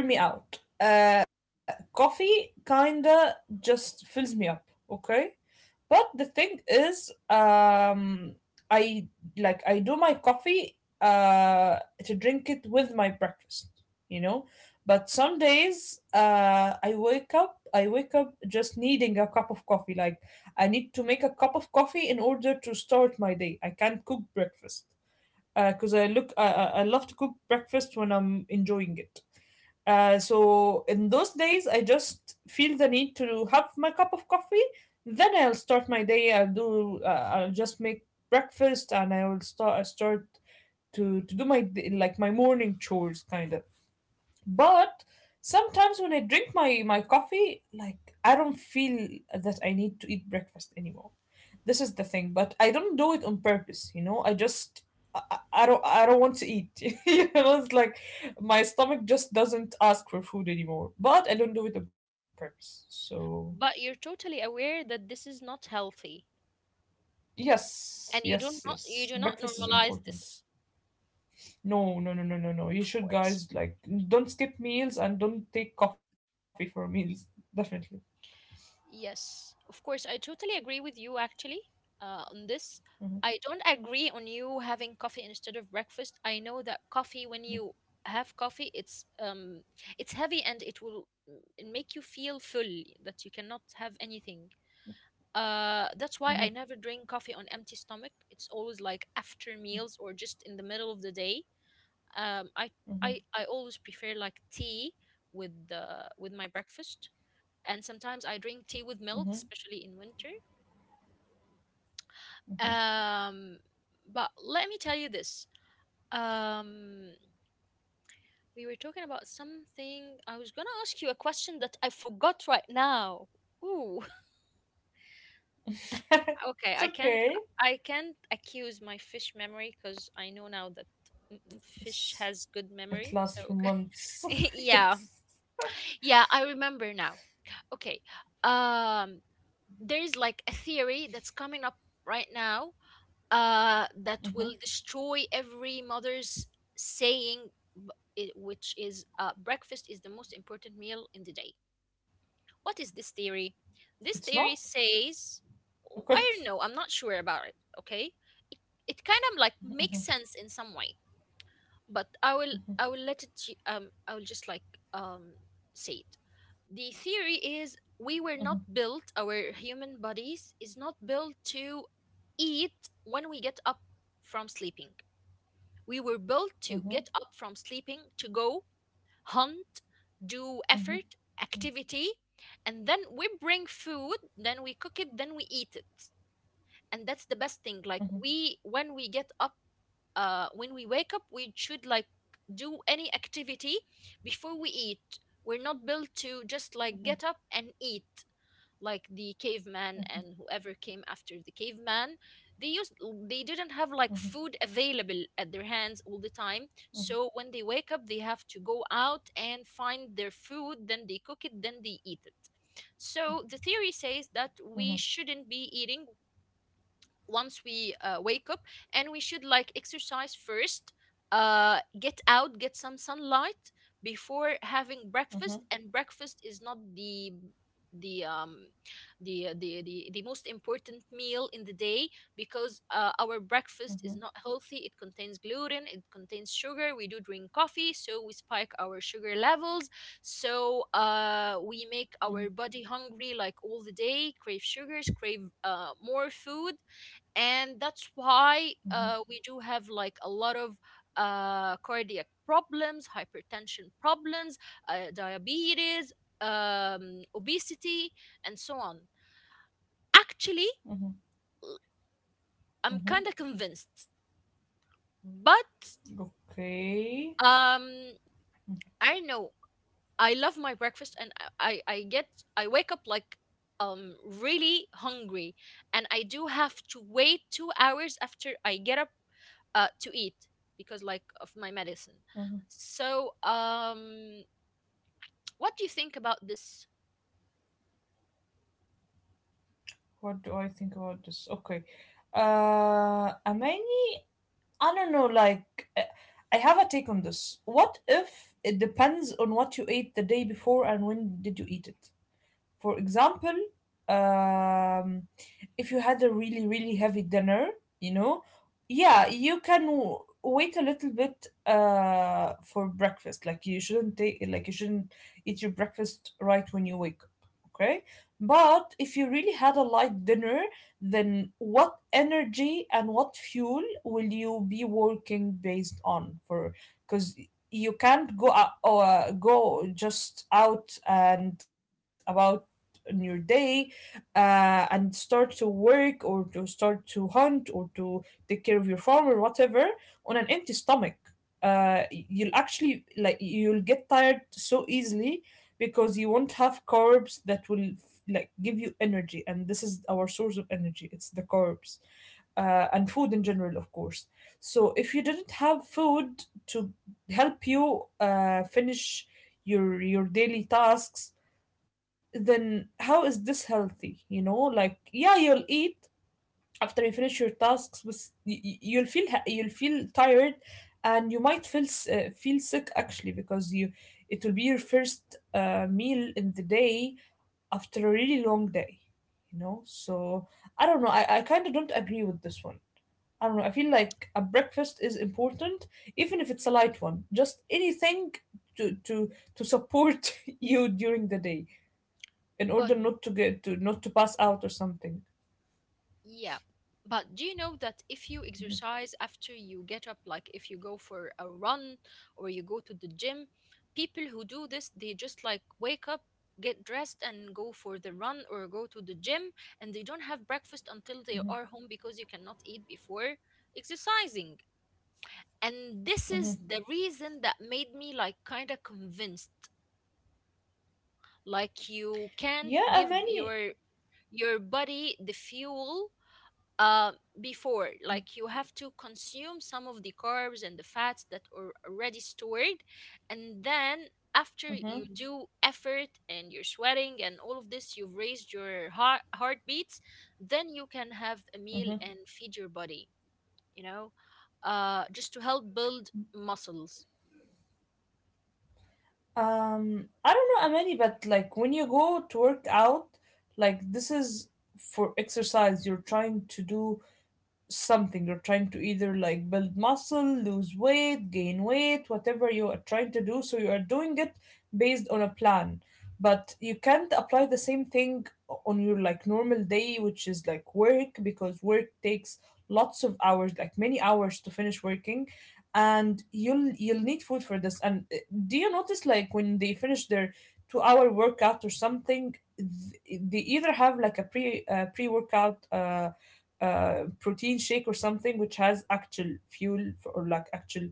[SPEAKER 2] okay. Hear me out. Coffee kinda just fills me up. Okay, but the thing is, I like I do my coffee, uh, to drink it with my breakfast, you know. But some days, I wake up. I wake up just needing a cup of coffee. Like I need to make a cup of coffee in order to start my day. I can't cook breakfast because I look. I love to cook breakfast when I'm enjoying it. So in those days, I just feel the need to have my cup of coffee. Then I'll start my day. I'll do. I'll just make breakfast, and I will start. I start to do like my morning chores, kind of. But sometimes when I drink my coffee, like I don't feel that I need to eat breakfast anymore. This is the thing, but I don't do it on purpose, you know. I just I don't I don't want to eat. <laughs> You know, it's like my stomach just doesn't ask for food anymore. But I don't do it on purpose. So
[SPEAKER 1] But you're totally aware that this is not healthy,
[SPEAKER 2] yes,
[SPEAKER 1] and
[SPEAKER 2] yes,
[SPEAKER 1] you
[SPEAKER 2] yes.
[SPEAKER 1] do not
[SPEAKER 2] Breakfast is
[SPEAKER 1] normalize
[SPEAKER 2] important.
[SPEAKER 1] this,
[SPEAKER 2] No, no, no, no, no, no. You
[SPEAKER 1] of
[SPEAKER 2] should
[SPEAKER 1] course.
[SPEAKER 2] guys like don't skip meals and don't take coffee for meals. Definitely.
[SPEAKER 1] Yes, of course. I totally agree with you, actually, on this. I don't agree on you having coffee instead of breakfast. I know that coffee, when you have coffee, it's, it's heavy and it will, mm, make you feel full that you cannot have anything.
[SPEAKER 2] Mm-hmm,
[SPEAKER 1] That's why I never drink coffee on empty stomach. It's always like after meals or just in the middle of the day. Um, I
[SPEAKER 2] mm-hmm.
[SPEAKER 1] I I always prefer like tea with the with my breakfast, and sometimes I drink
[SPEAKER 2] Mm-hmm.
[SPEAKER 1] tea with milk, especially in winter. Um, but let me tell you this. Um, we were talking about something. I was gonna ask you a question that I forgot right now. Ooh.
[SPEAKER 2] <laughs> It's
[SPEAKER 1] Okay,
[SPEAKER 2] okay.
[SPEAKER 1] I can't I can't accuse my fish memory because I know now that
[SPEAKER 2] It's,
[SPEAKER 1] fish has good
[SPEAKER 2] it
[SPEAKER 1] memory.
[SPEAKER 2] lasts for
[SPEAKER 1] So
[SPEAKER 2] months.
[SPEAKER 1] <laughs>
[SPEAKER 2] <laughs>
[SPEAKER 1] yeah,
[SPEAKER 2] Yes.
[SPEAKER 1] yeah, I remember now. Okay. um there's like a theory that's coming up right now, that
[SPEAKER 2] Hmm.
[SPEAKER 1] will destroy every mother's saying, b- which is breakfast is the most important meal in the day. What is this theory?
[SPEAKER 2] It's not?
[SPEAKER 1] This theory says,
[SPEAKER 2] Okay.
[SPEAKER 1] I don't know, I'm not sure about it, okay? It, it kind of like makes sense in some way, but I will I will just like um say it. The theory is we were not built, our human bodies is not built to eat when we get up from sleeping. We were built to
[SPEAKER 2] Hmm.
[SPEAKER 1] get up from sleeping to go hunt, do
[SPEAKER 2] Hmm.
[SPEAKER 1] effort, activity, and then we bring food, then we cook it, then we eat it. And that's the best thing.
[SPEAKER 2] Hmm.
[SPEAKER 1] Like we when we get up when we wake up, we should like do any activity before we eat. We're not built to just
[SPEAKER 2] Hmm.
[SPEAKER 1] like get up and eat like the caveman, and whoever came after the caveman, they used they didn't have like food available at their hands all the time.
[SPEAKER 2] Hmm.
[SPEAKER 1] So when they wake up, they have to go out and find their food, then they cook it, then they eat it. So the theory
[SPEAKER 2] Hmm.
[SPEAKER 1] says that we shouldn't be eating once we wake up, and we should like exercise first, get out, get some sunlight before having
[SPEAKER 2] Hmm.
[SPEAKER 1] breakfast. And breakfast is not the the um the most important meal in the day, because our
[SPEAKER 2] Hmm.
[SPEAKER 1] breakfast is not healthy. It contains gluten, it contains sugar, we do drink coffee, so we spike our sugar levels. So we make our body hungry like all the day, crave sugars, crave more food. And that's why
[SPEAKER 2] Hmm.
[SPEAKER 1] we do have like a lot of cardiac problems, hypertension problems, diabetes, obesity, and so on. Actually, l- I'm
[SPEAKER 2] Hmm.
[SPEAKER 1] kind of convinced, but
[SPEAKER 2] Okay.
[SPEAKER 1] um, I don't know. I love my breakfast, and I get I wake up like really hungry, and I do have to wait 2 hours after I get up to eat because like of my medicine.
[SPEAKER 2] Hmm.
[SPEAKER 1] So what do you think about this?
[SPEAKER 2] What do I think about this? Okay. Amani? I don't know, like, I have a take on this. What if it depends on what you ate the day before and when did you eat it? For example, um, if you had a really, really heavy dinner, you know, yeah, you can wait a little bit, for breakfast. Like you shouldn't take, like you shouldn't eat your breakfast right when you wake up. Okay, but if you really had a light dinner, then what energy and what fuel will you be working based on for? Because you can't go out, go just out and about on your day, and start to work or to start to hunt or to take care of your farm or whatever on an empty stomach. You'll actually like you'll get tired so easily because you won't have carbs that will like give you energy, and this is our source of energy. It's the carbs, and food in general, of course. So if you didn't have food to help you, finish your daily tasks, then how is this healthy? You know, like yeah, you'll eat after you finish your tasks, but you'll feel you'll feel tired, and you might feel feel sick actually because you it will be your first, meal in the day after a really long day. You know, so I don't know. I kind of don't agree with this one. I don't know. I feel like a breakfast is important, even if it's a
[SPEAKER 1] Mm.
[SPEAKER 2] light one. Just anything to to to support <laughs> you during the day in
[SPEAKER 1] But
[SPEAKER 2] order not to get to not to pass out or something.
[SPEAKER 1] yeah, but do you know that if you exercise after you get up, like if you go for a run or you go to the gym, people who do this they just like wake up, get dressed and go for the run or go to the gym, and they don't have breakfast until they are home, because you cannot eat before exercising. And this is
[SPEAKER 2] Hmm.
[SPEAKER 1] the reason that made me like kind of convinced. Like you can't
[SPEAKER 2] Yeah,
[SPEAKER 1] give
[SPEAKER 2] many.
[SPEAKER 1] your body the fuel, uh, before, like you have to consume some of the carbs and the fats that are already stored, and then after
[SPEAKER 2] Hmm.
[SPEAKER 1] you do effort and you're sweating and all of this, you've raised your heart heartbeats, then you can have a meal
[SPEAKER 2] Hmm.
[SPEAKER 1] and feed your body, you know, just to help build muscles.
[SPEAKER 2] Um, I don't know many, but like when you go to work out, like this is for exercise. You're trying to do something you're trying to either like build muscle lose weight gain weight whatever you are trying to do, so you are doing it based on a plan, but you can't apply the same thing on your like normal day, which is like work, because work takes lots of hours, like many hours to finish working, and you'll need food for this. And, do you notice like when they finish their 2 hour workout or something they either have like a pre pre workout protein shake or something which has actual fuel for, or like actual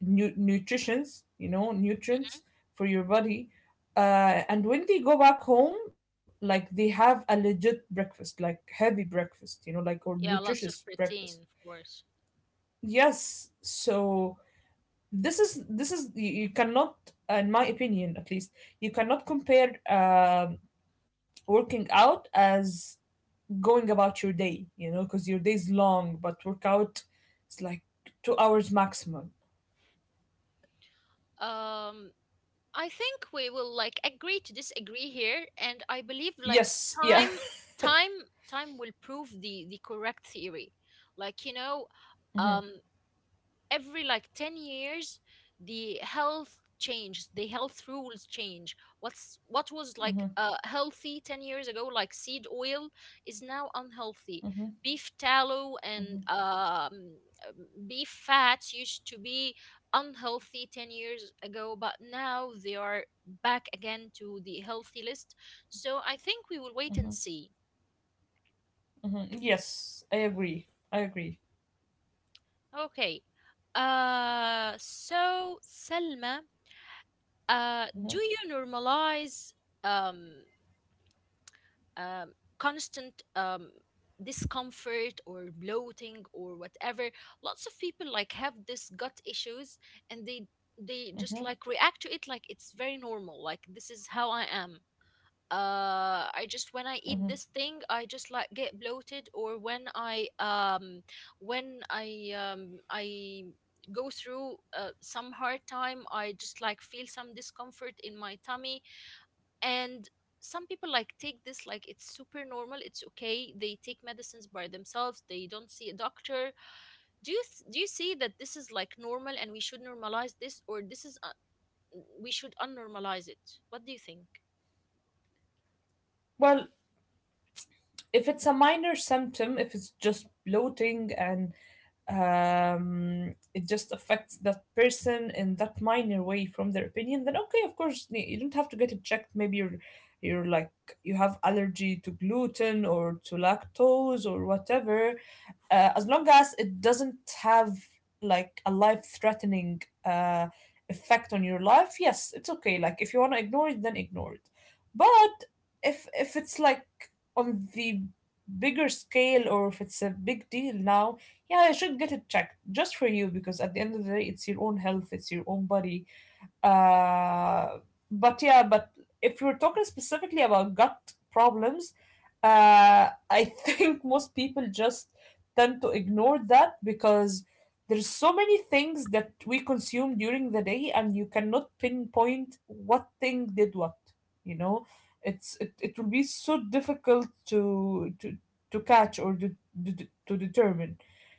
[SPEAKER 2] nutritions, you know, nutrients for your body. And when they go back home, like they have a legit breakfast, like heavy breakfast, you know, like or
[SPEAKER 1] Yeah,
[SPEAKER 2] nutritious
[SPEAKER 1] lots of
[SPEAKER 2] breakfast.
[SPEAKER 1] protein, of course.
[SPEAKER 2] Yes, so this is you you cannot, in my opinion at least, you cannot compare working out as going about your day, you know, because your day is long, but workout it's like 2 hours maximum.
[SPEAKER 1] Um, I think we will like agree to disagree here, and I believe like
[SPEAKER 2] Yes, yeah. <laughs>
[SPEAKER 1] time, time will prove the correct theory. Like you know,
[SPEAKER 2] Mhm,
[SPEAKER 1] um, every like 10 years the health changes. The health rules change. What's what was like
[SPEAKER 2] mhm,
[SPEAKER 1] healthy 10 years ago, like seed oil, is now unhealthy.
[SPEAKER 2] mhm,
[SPEAKER 1] Beef tallow
[SPEAKER 2] mhm,
[SPEAKER 1] and beef fats used to be unhealthy 10 years ago, but now they are back again to the healthy list. So I think we will wait and
[SPEAKER 2] mhm,
[SPEAKER 1] see.
[SPEAKER 2] mhm. Yes, I agree. I agree.
[SPEAKER 1] Okay. So Selma, do you normalize um, um, constant discomfort or bloating or whatever? Lots of people like have this gut issues, and they just
[SPEAKER 2] Hmm.
[SPEAKER 1] like react to it like it's very normal. Like this is how I am. I just
[SPEAKER 2] Hmm.
[SPEAKER 1] when I eat this thing, I just like get bloated, or when I when I um I go through some hard time, I just like feel some discomfort in my tummy, and some people like take this like it's super normal, it's okay, they take medicines by themselves, they don't see a doctor. Do you see that this is like normal and we should normalize this, or this is we should unnormalize it? What do you think?
[SPEAKER 2] Well, if it's a minor symptom, if it's just bloating and, it just affects that person in that minor way from their opinion, then okay, of course, you don't have to get it checked. Maybe you're like you have allergy to gluten or to lactose or whatever. As long as it doesn't have like a life threatening, effect on your life, yes, it's okay. Like if you want to ignore it, then ignore it. But if it's like on the bigger scale or if it's a big deal now, yeah, I should get it checked just for you because at the end of the day, it's your own health, it's your own body. Uh, but yeah, but if we're talking specifically about gut problems, I think most people just tend to ignore that because there's so many things that we consume during the day, and you cannot pinpoint what thing did what. You know, it it will be so difficult to catch or to determine.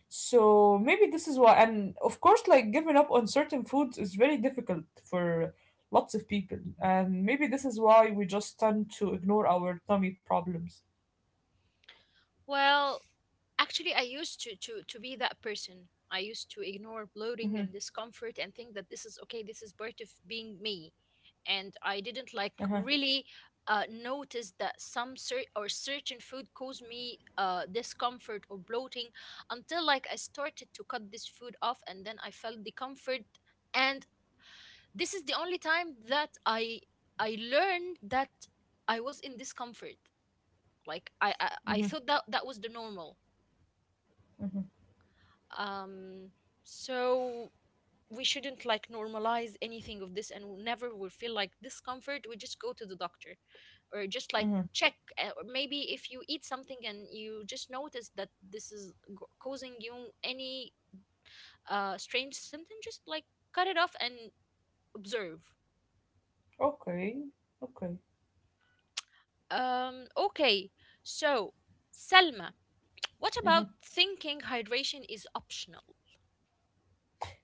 [SPEAKER 2] So maybe this is why, and of course, like giving up on certain foods is very difficult for lots of people, and maybe this is why we just tend to ignore our tummy problems.
[SPEAKER 1] Well, actually, I used to be that person. I used to ignore
[SPEAKER 2] Mm-hmm,
[SPEAKER 1] bloating and discomfort and think that this is okay. This is part of being me, and I didn't like
[SPEAKER 2] uh-huh,
[SPEAKER 1] really notice that some cer- or certain food caused me discomfort or bloating until like I started to cut this food off, and then I felt the comfort. And this is the only time that I learned that I was in discomfort. Like
[SPEAKER 2] mm-hmm,
[SPEAKER 1] I thought that that was the normal. um so we shouldn't like normalize anything of this. And never will feel like discomfort, we just go to the doctor or just like
[SPEAKER 2] mm-hmm.
[SPEAKER 1] check. Or maybe if you eat something and you just notice that this is causing you any strange symptom, just like cut it off and observe.
[SPEAKER 2] Okay, okay.
[SPEAKER 1] Okay. So Selma, what
[SPEAKER 2] Mm-hmm.
[SPEAKER 1] about thinking hydration is optional?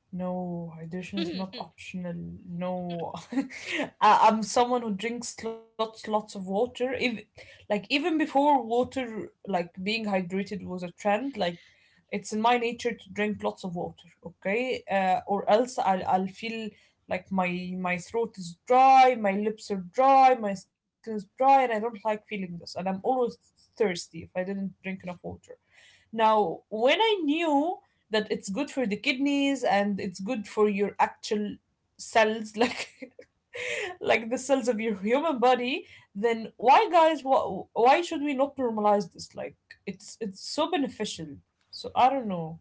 [SPEAKER 2] No, hydration is not
[SPEAKER 1] <laughs>
[SPEAKER 2] optional. No, <laughs> I'm someone who drinks lots of water. If, like even before water, like being hydrated was a trend. Like it's in my nature to drink lots of water. Okay, or else I'll feel like my throat is dry, my lips are dry, my skin is dry, and I don't like feeling this. And I'm always thirsty if I didn't drink enough water. Now, when I knew that it's good for the kidneys and it's good for your actual cells <laughs> like the cells of your human body, then why guys why should we not normalize this? Like it's so beneficial, so I don't know.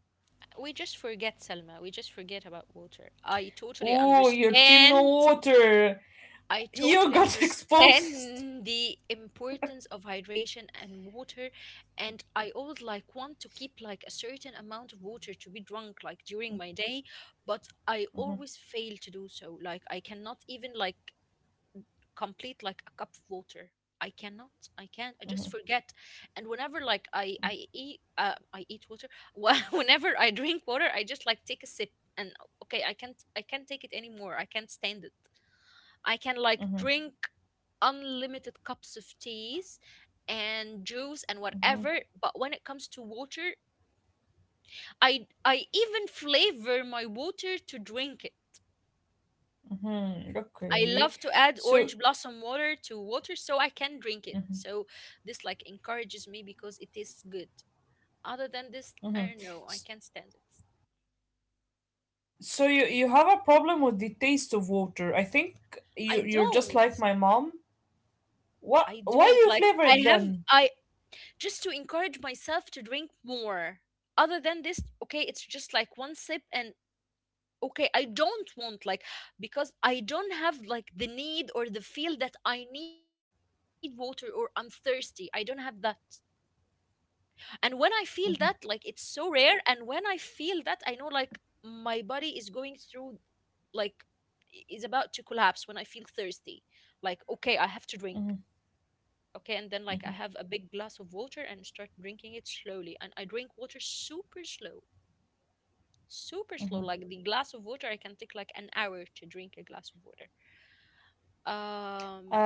[SPEAKER 1] We just forget, Selma. We just forget about water. I totally
[SPEAKER 2] Oh, your team, no
[SPEAKER 1] understand.
[SPEAKER 2] water?
[SPEAKER 1] I
[SPEAKER 2] You
[SPEAKER 1] totally
[SPEAKER 2] got <laughs>
[SPEAKER 1] understand
[SPEAKER 2] exposed.
[SPEAKER 1] the importance of hydration and water, and I always like want to keep like a certain amount of water to be drunk like during my day, but I always fail to do so. Like I cannot even like complete like a cup of water. I cannot. I can't. I just forget. And whenever like I eat water. <laughs> Whenever I drink water, I just like take a sip. And okay, I can't take it anymore. I can't stand it. I can like drink unlimited cups of teas and juice and whatever, but when it comes to water, I even flavor my water to drink it.
[SPEAKER 2] Hmm,
[SPEAKER 1] I
[SPEAKER 2] okay.
[SPEAKER 1] love to add
[SPEAKER 2] So
[SPEAKER 1] orange blossom water to water so I can drink it. So this like encourages me because it tastes good. Other than this,
[SPEAKER 2] mhm.
[SPEAKER 1] I don't know,
[SPEAKER 2] S-
[SPEAKER 1] I can't stand it.
[SPEAKER 2] so you have a problem with the taste of water, I think.
[SPEAKER 1] I
[SPEAKER 2] You, you're just
[SPEAKER 1] don't.
[SPEAKER 2] like my mom. What,
[SPEAKER 1] I
[SPEAKER 2] why do
[SPEAKER 1] don't
[SPEAKER 2] you
[SPEAKER 1] like
[SPEAKER 2] flavor
[SPEAKER 1] I
[SPEAKER 2] it
[SPEAKER 1] have
[SPEAKER 2] then?
[SPEAKER 1] I just to encourage myself to drink more. Other than this, okay, it's just like one sip, and okay, I don't want like, because I don't have like the need or the feel that I need water or I'm thirsty. I don't have that. And when I feel that, like
[SPEAKER 2] Mm-hmm.
[SPEAKER 1] it's so rare. And when I feel that, I know like my body is going through like is about to collapse. When I feel thirsty, like okay, I have to drink.
[SPEAKER 2] Mhm,
[SPEAKER 1] Okay. And then like I
[SPEAKER 2] mhm,
[SPEAKER 1] have a big glass of water and start drinking it slowly, and I drink water super slow, super slow. Like
[SPEAKER 2] mhm.
[SPEAKER 1] the glass of water I can take like an hour to drink a glass of water. um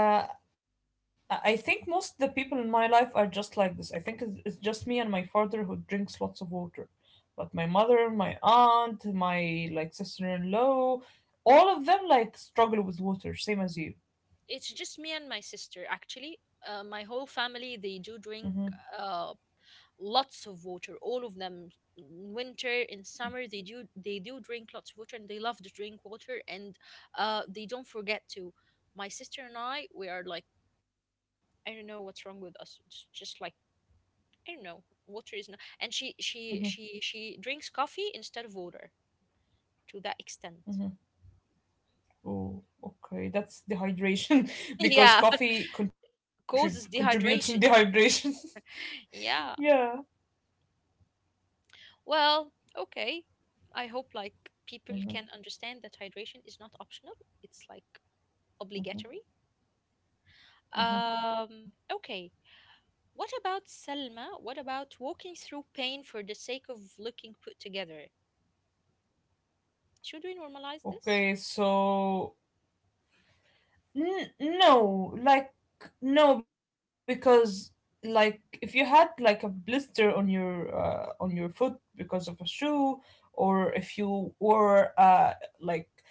[SPEAKER 2] Uh, I think most the people in my life are just like this. I think it's just me and my father who drinks lots of water, but my mother, my aunt, my like sister-in-law, all of them like struggle with water, same as you.
[SPEAKER 1] it's just me and my sister actually. My whole family they do
[SPEAKER 2] Hmm,
[SPEAKER 1] drink uh, lots of water, all of them, in winter, in summer, they do drink lots of water, and they love to drink water, and they don't forget to. My sister and I, we are like, I don't know what's wrong with us. It's just like, I don't know, water is not. And
[SPEAKER 2] hmm.
[SPEAKER 1] she drinks coffee instead of water to that extent.
[SPEAKER 2] Oh, okay, that's dehydration <laughs> because
[SPEAKER 1] <laughs> Yeah,
[SPEAKER 2] coffee
[SPEAKER 1] causes
[SPEAKER 2] contributes in
[SPEAKER 1] dehydration.
[SPEAKER 2] dehydration.
[SPEAKER 1] Yeah.
[SPEAKER 2] <laughs> Yeah.
[SPEAKER 1] Well, okay, I hope like people can understand that hydration is not optional. It's like obligatory. Okay. What about Selma? What about walking through pain for the sake of looking put together? Should we normalize this?
[SPEAKER 2] Okay, so no, like no, because like if you had like a blister on your foot because of a shoe, or if you wore like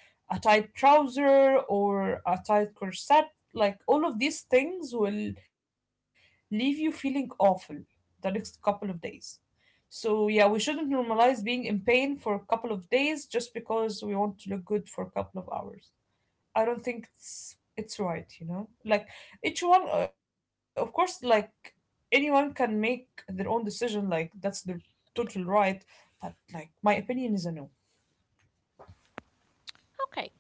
[SPEAKER 2] a tight trouser or a tight corset, like all of these things will leave you feeling awful the next couple of days. So yeah, we shouldn't normalize being in pain for a couple of days just because we want to look good for a couple of hours. I don't think it's right, you know? Like each one of course like anyone can make their own decision, like that's their total right, but like my opinion is a no.
[SPEAKER 1] Okay.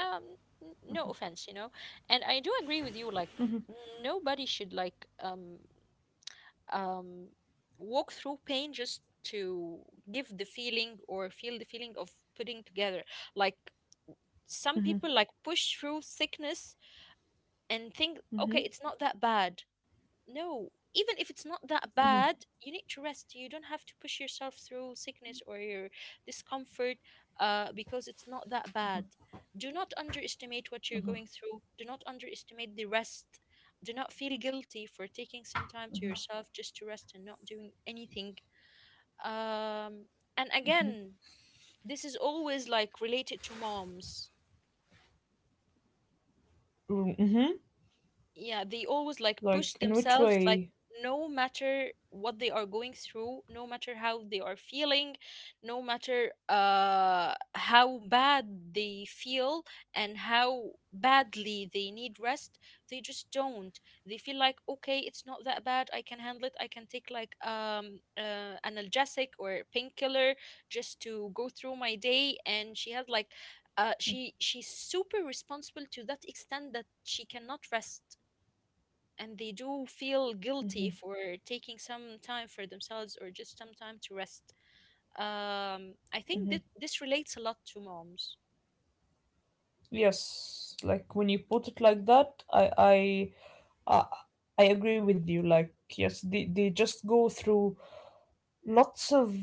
[SPEAKER 1] Um, no offense, you know. And I do agree with you, like nobody should, like, um, walk through pain just to give the feeling or feel the feeling of putting together. Like some people like push through sickness and think, okay, it's not that bad. No, even if it's not that bad, you need to rest. You don't have to push yourself through sickness or your discomfort because it's not that bad. Do not underestimate what you're going through. Do not underestimate the rest. Do not feel guilty for taking some time to yourself just to rest and not doing anything. um, and again, this is always like related to moms.
[SPEAKER 2] Mm-hmm.
[SPEAKER 1] Yeah, they always like
[SPEAKER 2] Like
[SPEAKER 1] push
[SPEAKER 2] in which
[SPEAKER 1] themselves,
[SPEAKER 2] way?
[SPEAKER 1] like no matter what they are going through, no matter how they are feeling, no matter how bad they feel and how badly they need rest. They just don't. They feel like, okay, it's not that bad, I can handle it. I can take like analgesic or painkiller just to go through my day. And she has like she's super responsible, to that extent that she cannot rest. And they do
[SPEAKER 2] Hmm,
[SPEAKER 1] feel guilty for taking some time for themselves or just some time to rest. I
[SPEAKER 2] hmm.
[SPEAKER 1] think that this relates a lot to moms
[SPEAKER 2] Yes, like when you put it like that, I, I agree with you. Like yes, they just go through lots of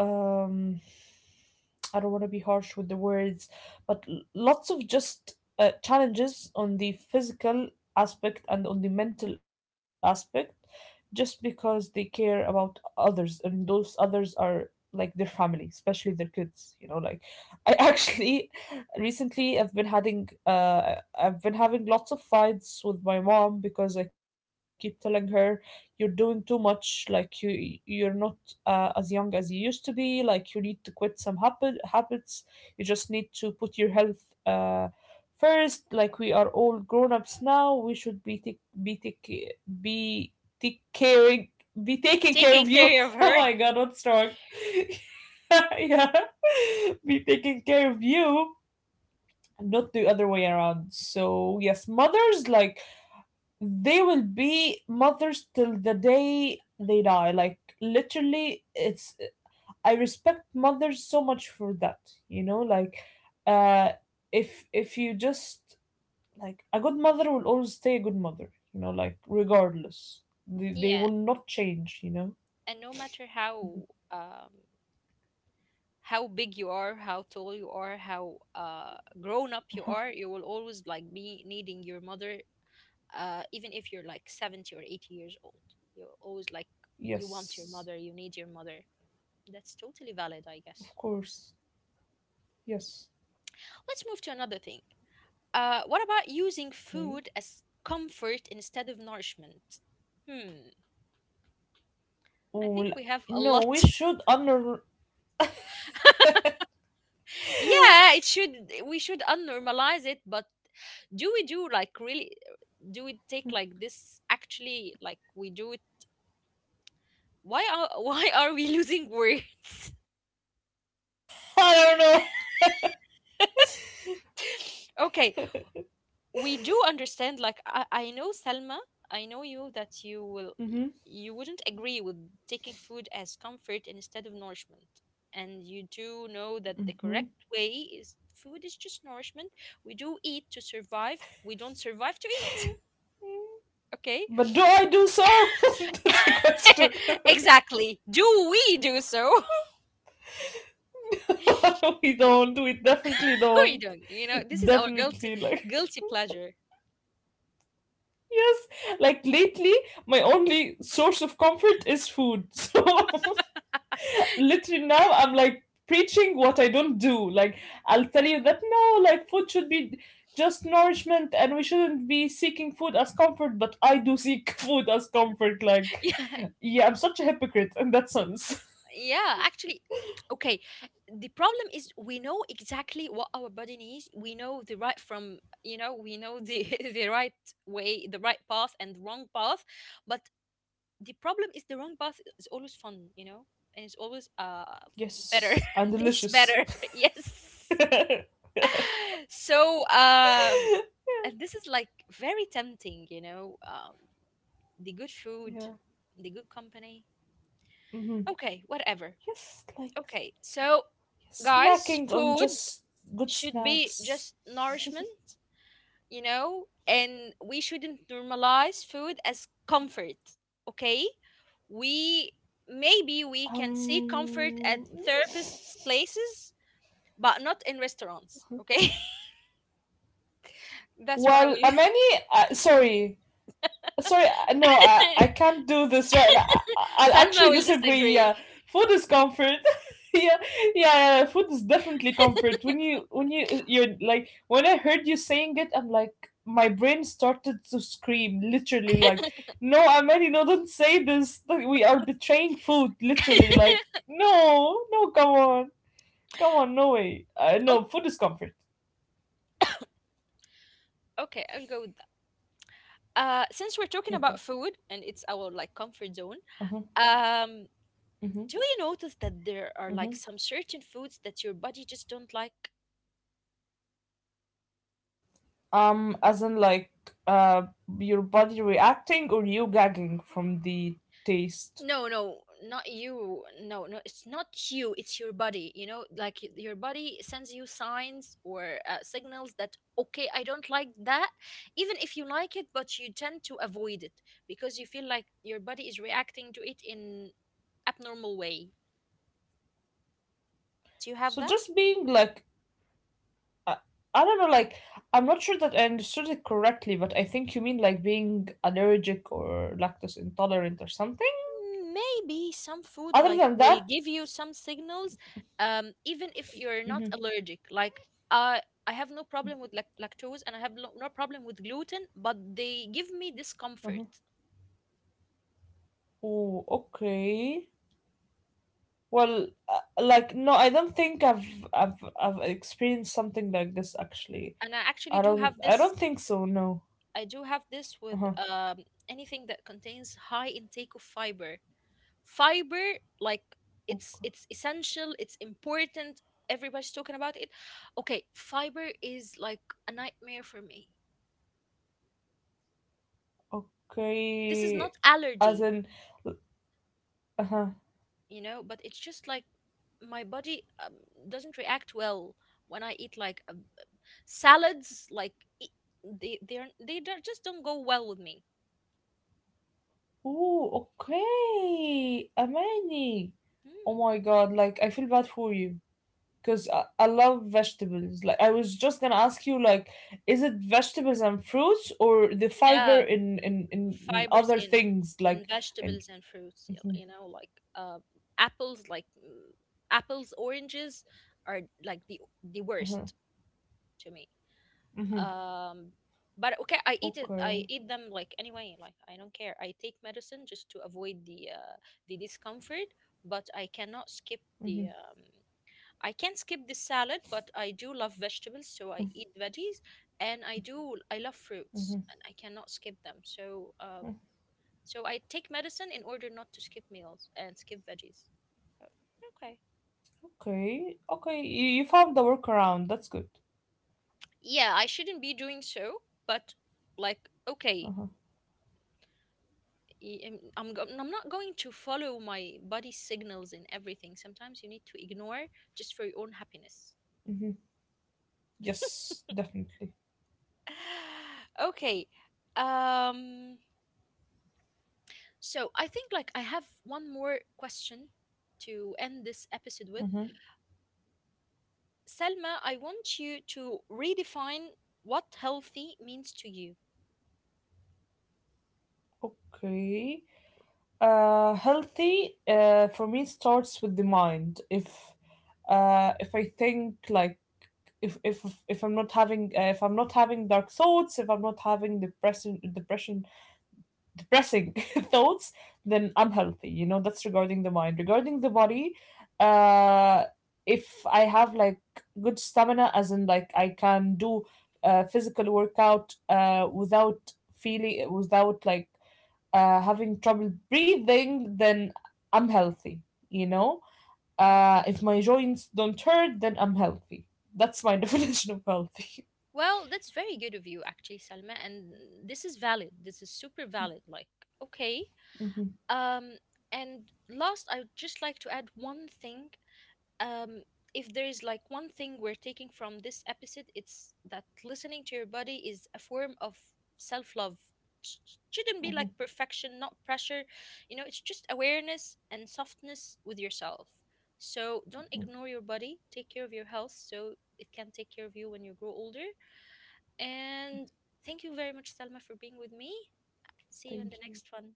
[SPEAKER 2] um I don't want to be harsh with the words, but lots of just challenges on the physical aspect and on the mental aspect just because they care about others, and those others are like their family, especially their kids, you know. Like I actually <laughs> recently I've been having lots of fights with my mom because I keep telling her you're doing too much. Like you you're not as young as you used to be. Like you need to quit some habits. You just need to put your health first. Like we are all grown ups now. We should be take, be take, be take caring be taking care
[SPEAKER 1] taking <laughs>
[SPEAKER 2] of you. <laughs>
[SPEAKER 1] care of her.
[SPEAKER 2] Oh
[SPEAKER 1] <laughs>
[SPEAKER 2] my god, what's wrong? <laughs> Yeah, <laughs> be taking care of you, not the other way around. So yes, mothers like they will be mothers till the day they die. Like literally, it's I respect mothers so much for that, you know, like uh if you just like a good mother will always stay a good mother, you know, like regardless. They
[SPEAKER 1] Yeah,
[SPEAKER 2] will not change, you know. <laughs>
[SPEAKER 1] and no matter um, how big you are, how tall you are, how grown up you are, you will always like be needing your mother. Even if you're like 70 or 80 years old, you're always like you want your
[SPEAKER 2] Yes,
[SPEAKER 1] mother, you need your mother. That's totally valid, I guess.
[SPEAKER 2] of course. Yes.
[SPEAKER 1] Let's move to another thing. What about using
[SPEAKER 2] Okay.
[SPEAKER 1] food as comfort instead of nourishment? Hmm. I
[SPEAKER 2] Well,
[SPEAKER 1] think we have a
[SPEAKER 2] no,
[SPEAKER 1] lot.
[SPEAKER 2] we should honor.
[SPEAKER 1] <laughs> Yeah, it should. We should unnormalize it, but do we do like, really? Do we take like this? Actually, like we do it. Why are <laughs> why are we losing words?
[SPEAKER 2] <laughs> I don't know.
[SPEAKER 1] <laughs> Okay, we do understand, like I know Selma, I know you that you will,
[SPEAKER 2] Mm-hmm.
[SPEAKER 1] you wouldn't agree with taking food as comfort instead of nourishment. And you do know that the
[SPEAKER 2] Mm-hmm.
[SPEAKER 1] correct way is food is just nourishment. We do eat to survive, we don't survive to eat. <laughs> Okay.
[SPEAKER 2] But do I do so? <laughs> That's the question.
[SPEAKER 1] <laughs> Exactly, do we do so? <laughs>
[SPEAKER 2] <laughs> We don't. We definitely
[SPEAKER 1] We
[SPEAKER 2] don't.
[SPEAKER 1] don't. You know, this is our guilty
[SPEAKER 2] Definitely, like.
[SPEAKER 1] guilty pleasure.
[SPEAKER 2] Yes, like lately, my only source of comfort is food. <laughs> So
[SPEAKER 1] <laughs>
[SPEAKER 2] literally now I'm like preaching what I don't do. Like I'll tell you that no, like food should be just nourishment and we shouldn't be seeking food as comfort, but I do seek <laughs> food as comfort. Like,
[SPEAKER 1] Yeah.
[SPEAKER 2] yeah, I'm such a hypocrite in that sense. <laughs>
[SPEAKER 1] Yeah, actually, okay. The problem is we know exactly what our body needs. We know the right from, you know, we know the <laughs> the right way, the right path and the wrong path. But the problem is the
[SPEAKER 2] Hmm.
[SPEAKER 1] wrong path is always fun, you know, and it's always better.
[SPEAKER 2] Yes, I'm
[SPEAKER 1] <laughs> It's
[SPEAKER 2] delicious.
[SPEAKER 1] better. <laughs>
[SPEAKER 2] <laughs>
[SPEAKER 1] Yes.
[SPEAKER 2] Yeah.
[SPEAKER 1] <laughs> So, and this is like very tempting, you know, the good food,
[SPEAKER 2] Yeah.
[SPEAKER 1] the good company.
[SPEAKER 2] Hmm.
[SPEAKER 1] Okay, whatever.
[SPEAKER 2] Yes, like
[SPEAKER 1] Okay, so guys,
[SPEAKER 2] snacking on
[SPEAKER 1] food
[SPEAKER 2] just good
[SPEAKER 1] should be
[SPEAKER 2] snacks.
[SPEAKER 1] just nourishment, you know, and we shouldn't normalize food as comfort, okay? We, maybe we can seek comfort at
[SPEAKER 2] Um. <laughs>
[SPEAKER 1] therapists' places, but not in restaurants, okay? <laughs> That's what I
[SPEAKER 2] Well,
[SPEAKER 1] will.
[SPEAKER 2] Amani, sorry, sorry, no, I can't do this right. Now.
[SPEAKER 1] <laughs>
[SPEAKER 2] Will
[SPEAKER 1] Salma
[SPEAKER 2] actually
[SPEAKER 1] will
[SPEAKER 2] disagree.
[SPEAKER 1] disagree.
[SPEAKER 2] Yeah, food is comfort. <laughs> Yeah, yeah, yeah, food is definitely comfort. When you when you're like when I heard you saying it, I'm like my brain started to scream literally like, no, Amani, no, don't say this. Like, we are betraying food literally. Like, no, no, come on, come on, no way.
[SPEAKER 1] Oh,
[SPEAKER 2] No, food is comfort.
[SPEAKER 1] okay, I'll go with that. Since we're talking
[SPEAKER 2] Okay.
[SPEAKER 1] about food and it's our like comfort zone,
[SPEAKER 2] Uh huh.
[SPEAKER 1] um,
[SPEAKER 2] Mm-hmm.
[SPEAKER 1] do you notice that there are like some certain foods that your body just don't like?
[SPEAKER 2] As in like uh your body reacting or you gagging from the taste.
[SPEAKER 1] No, no, not you. No, no, it's not you. It's your body. You know, like your body sends you signs or signals that, okay, I don't like that, even if you like it, but you tend to avoid it because you feel like your body is reacting to it in abnormal way. Do you have
[SPEAKER 2] So
[SPEAKER 1] that?
[SPEAKER 2] just being like uh, I don't know, like I'm not sure that I understood it correctly, but I think you mean like being allergic or lactose intolerant or something.
[SPEAKER 1] Maybe some food
[SPEAKER 2] Other
[SPEAKER 1] like
[SPEAKER 2] than
[SPEAKER 1] will
[SPEAKER 2] that,
[SPEAKER 1] give you some signals, even if you're not
[SPEAKER 2] hmm,
[SPEAKER 1] allergic. Like i I have no problem with lactose, and I have no problem with gluten, but they give me
[SPEAKER 2] uh-huh.
[SPEAKER 1] discomfort.
[SPEAKER 2] Oh, okay. Well, like no, I don't think I've experienced something like this actually.
[SPEAKER 1] And I actually do have
[SPEAKER 2] I
[SPEAKER 1] this.
[SPEAKER 2] don't think so. No.
[SPEAKER 1] I do have this with
[SPEAKER 2] Uh
[SPEAKER 1] anything that contains high intake of fiber. Fiber like,
[SPEAKER 2] huh.
[SPEAKER 1] it's essential, it's important, everybody's talking about it. Okay, fiber is like a nightmare for me. This is
[SPEAKER 2] Okay.
[SPEAKER 1] not
[SPEAKER 2] As
[SPEAKER 1] allergy,
[SPEAKER 2] in, uh-huh.
[SPEAKER 1] you know, but it's just like my body doesn't react well when I eat like salads. Like e- they don't, just don't go well with me.
[SPEAKER 2] Oh, okay. Amani. Oh
[SPEAKER 1] Hmm.
[SPEAKER 2] my God, like I feel bad for you because I love vegetables. Like I was just gonna ask you, like, is it vegetables and fruits or the fiber
[SPEAKER 1] Yeah,
[SPEAKER 2] in
[SPEAKER 1] fibers
[SPEAKER 2] other things
[SPEAKER 1] in
[SPEAKER 2] like in
[SPEAKER 1] vegetables and fruits, you
[SPEAKER 2] mhm,
[SPEAKER 1] you know, like apples, like apples, oranges are like the
[SPEAKER 2] mhm,
[SPEAKER 1] worst to me.
[SPEAKER 2] mhm.
[SPEAKER 1] um but okay, I eat it, I
[SPEAKER 2] Okay.
[SPEAKER 1] eat them like anyway. Like I don't care, I take medicine just to avoid the discomfort, but I cannot skip the
[SPEAKER 2] Mhm.
[SPEAKER 1] I can skip the salad, but I do love vegetables, so I eat veggies. And I do, I love fruits and I cannot skip them, so so I take medicine in order not to skip meals and skip veggies. So, okay.
[SPEAKER 2] Okay. Okay. You found the workaround. That's good.
[SPEAKER 1] Yeah, I shouldn't be doing so, but like, okay,
[SPEAKER 2] Uh-huh.
[SPEAKER 1] I'm not going to follow my body signals in everything. Sometimes you need to ignore just for your own happiness.
[SPEAKER 2] Mm-hmm. Yes, definitely.
[SPEAKER 1] <sighs> Okay. Um, so I think like I have one more question to end this episode with.
[SPEAKER 2] Mm-hmm.
[SPEAKER 1] Selma, I want you to redefine what healthy means to you.
[SPEAKER 2] Okay. Healthy for me starts with the mind. If I think like if I'm not having if I'm not having dark thoughts, if I'm not having depressing <laughs> thoughts, then I'm healthy. You know that's regarding the mind. Regarding the body, uh, if I have like good stamina, as in like I can do physical workout without feeling without like having trouble breathing, then I'm healthy. You know,
[SPEAKER 1] Mhm.
[SPEAKER 2] if my joints don't hurt, then I'm healthy. That's my <laughs> definition of healthy.
[SPEAKER 1] Well, that's very good of you, actually, Salma. And this is valid. This is super valid, like, okay.
[SPEAKER 2] <laughs> Mhm,
[SPEAKER 1] Um, and last, I would just like to add one thing. Um, if there is like one thing we're taking from this episode, it's that listening to your body is a form of self love. Shouldn't be
[SPEAKER 2] mhm,
[SPEAKER 1] like perfection, not pressure. You know, it's just awareness and softness with yourself. So
[SPEAKER 2] mhm.
[SPEAKER 1] don't ignore your body. Take care of your health so it can take care of you when you grow older. And thank you very much, Salma, for being with me. See you
[SPEAKER 2] Thank
[SPEAKER 1] in the
[SPEAKER 2] you.
[SPEAKER 1] next one.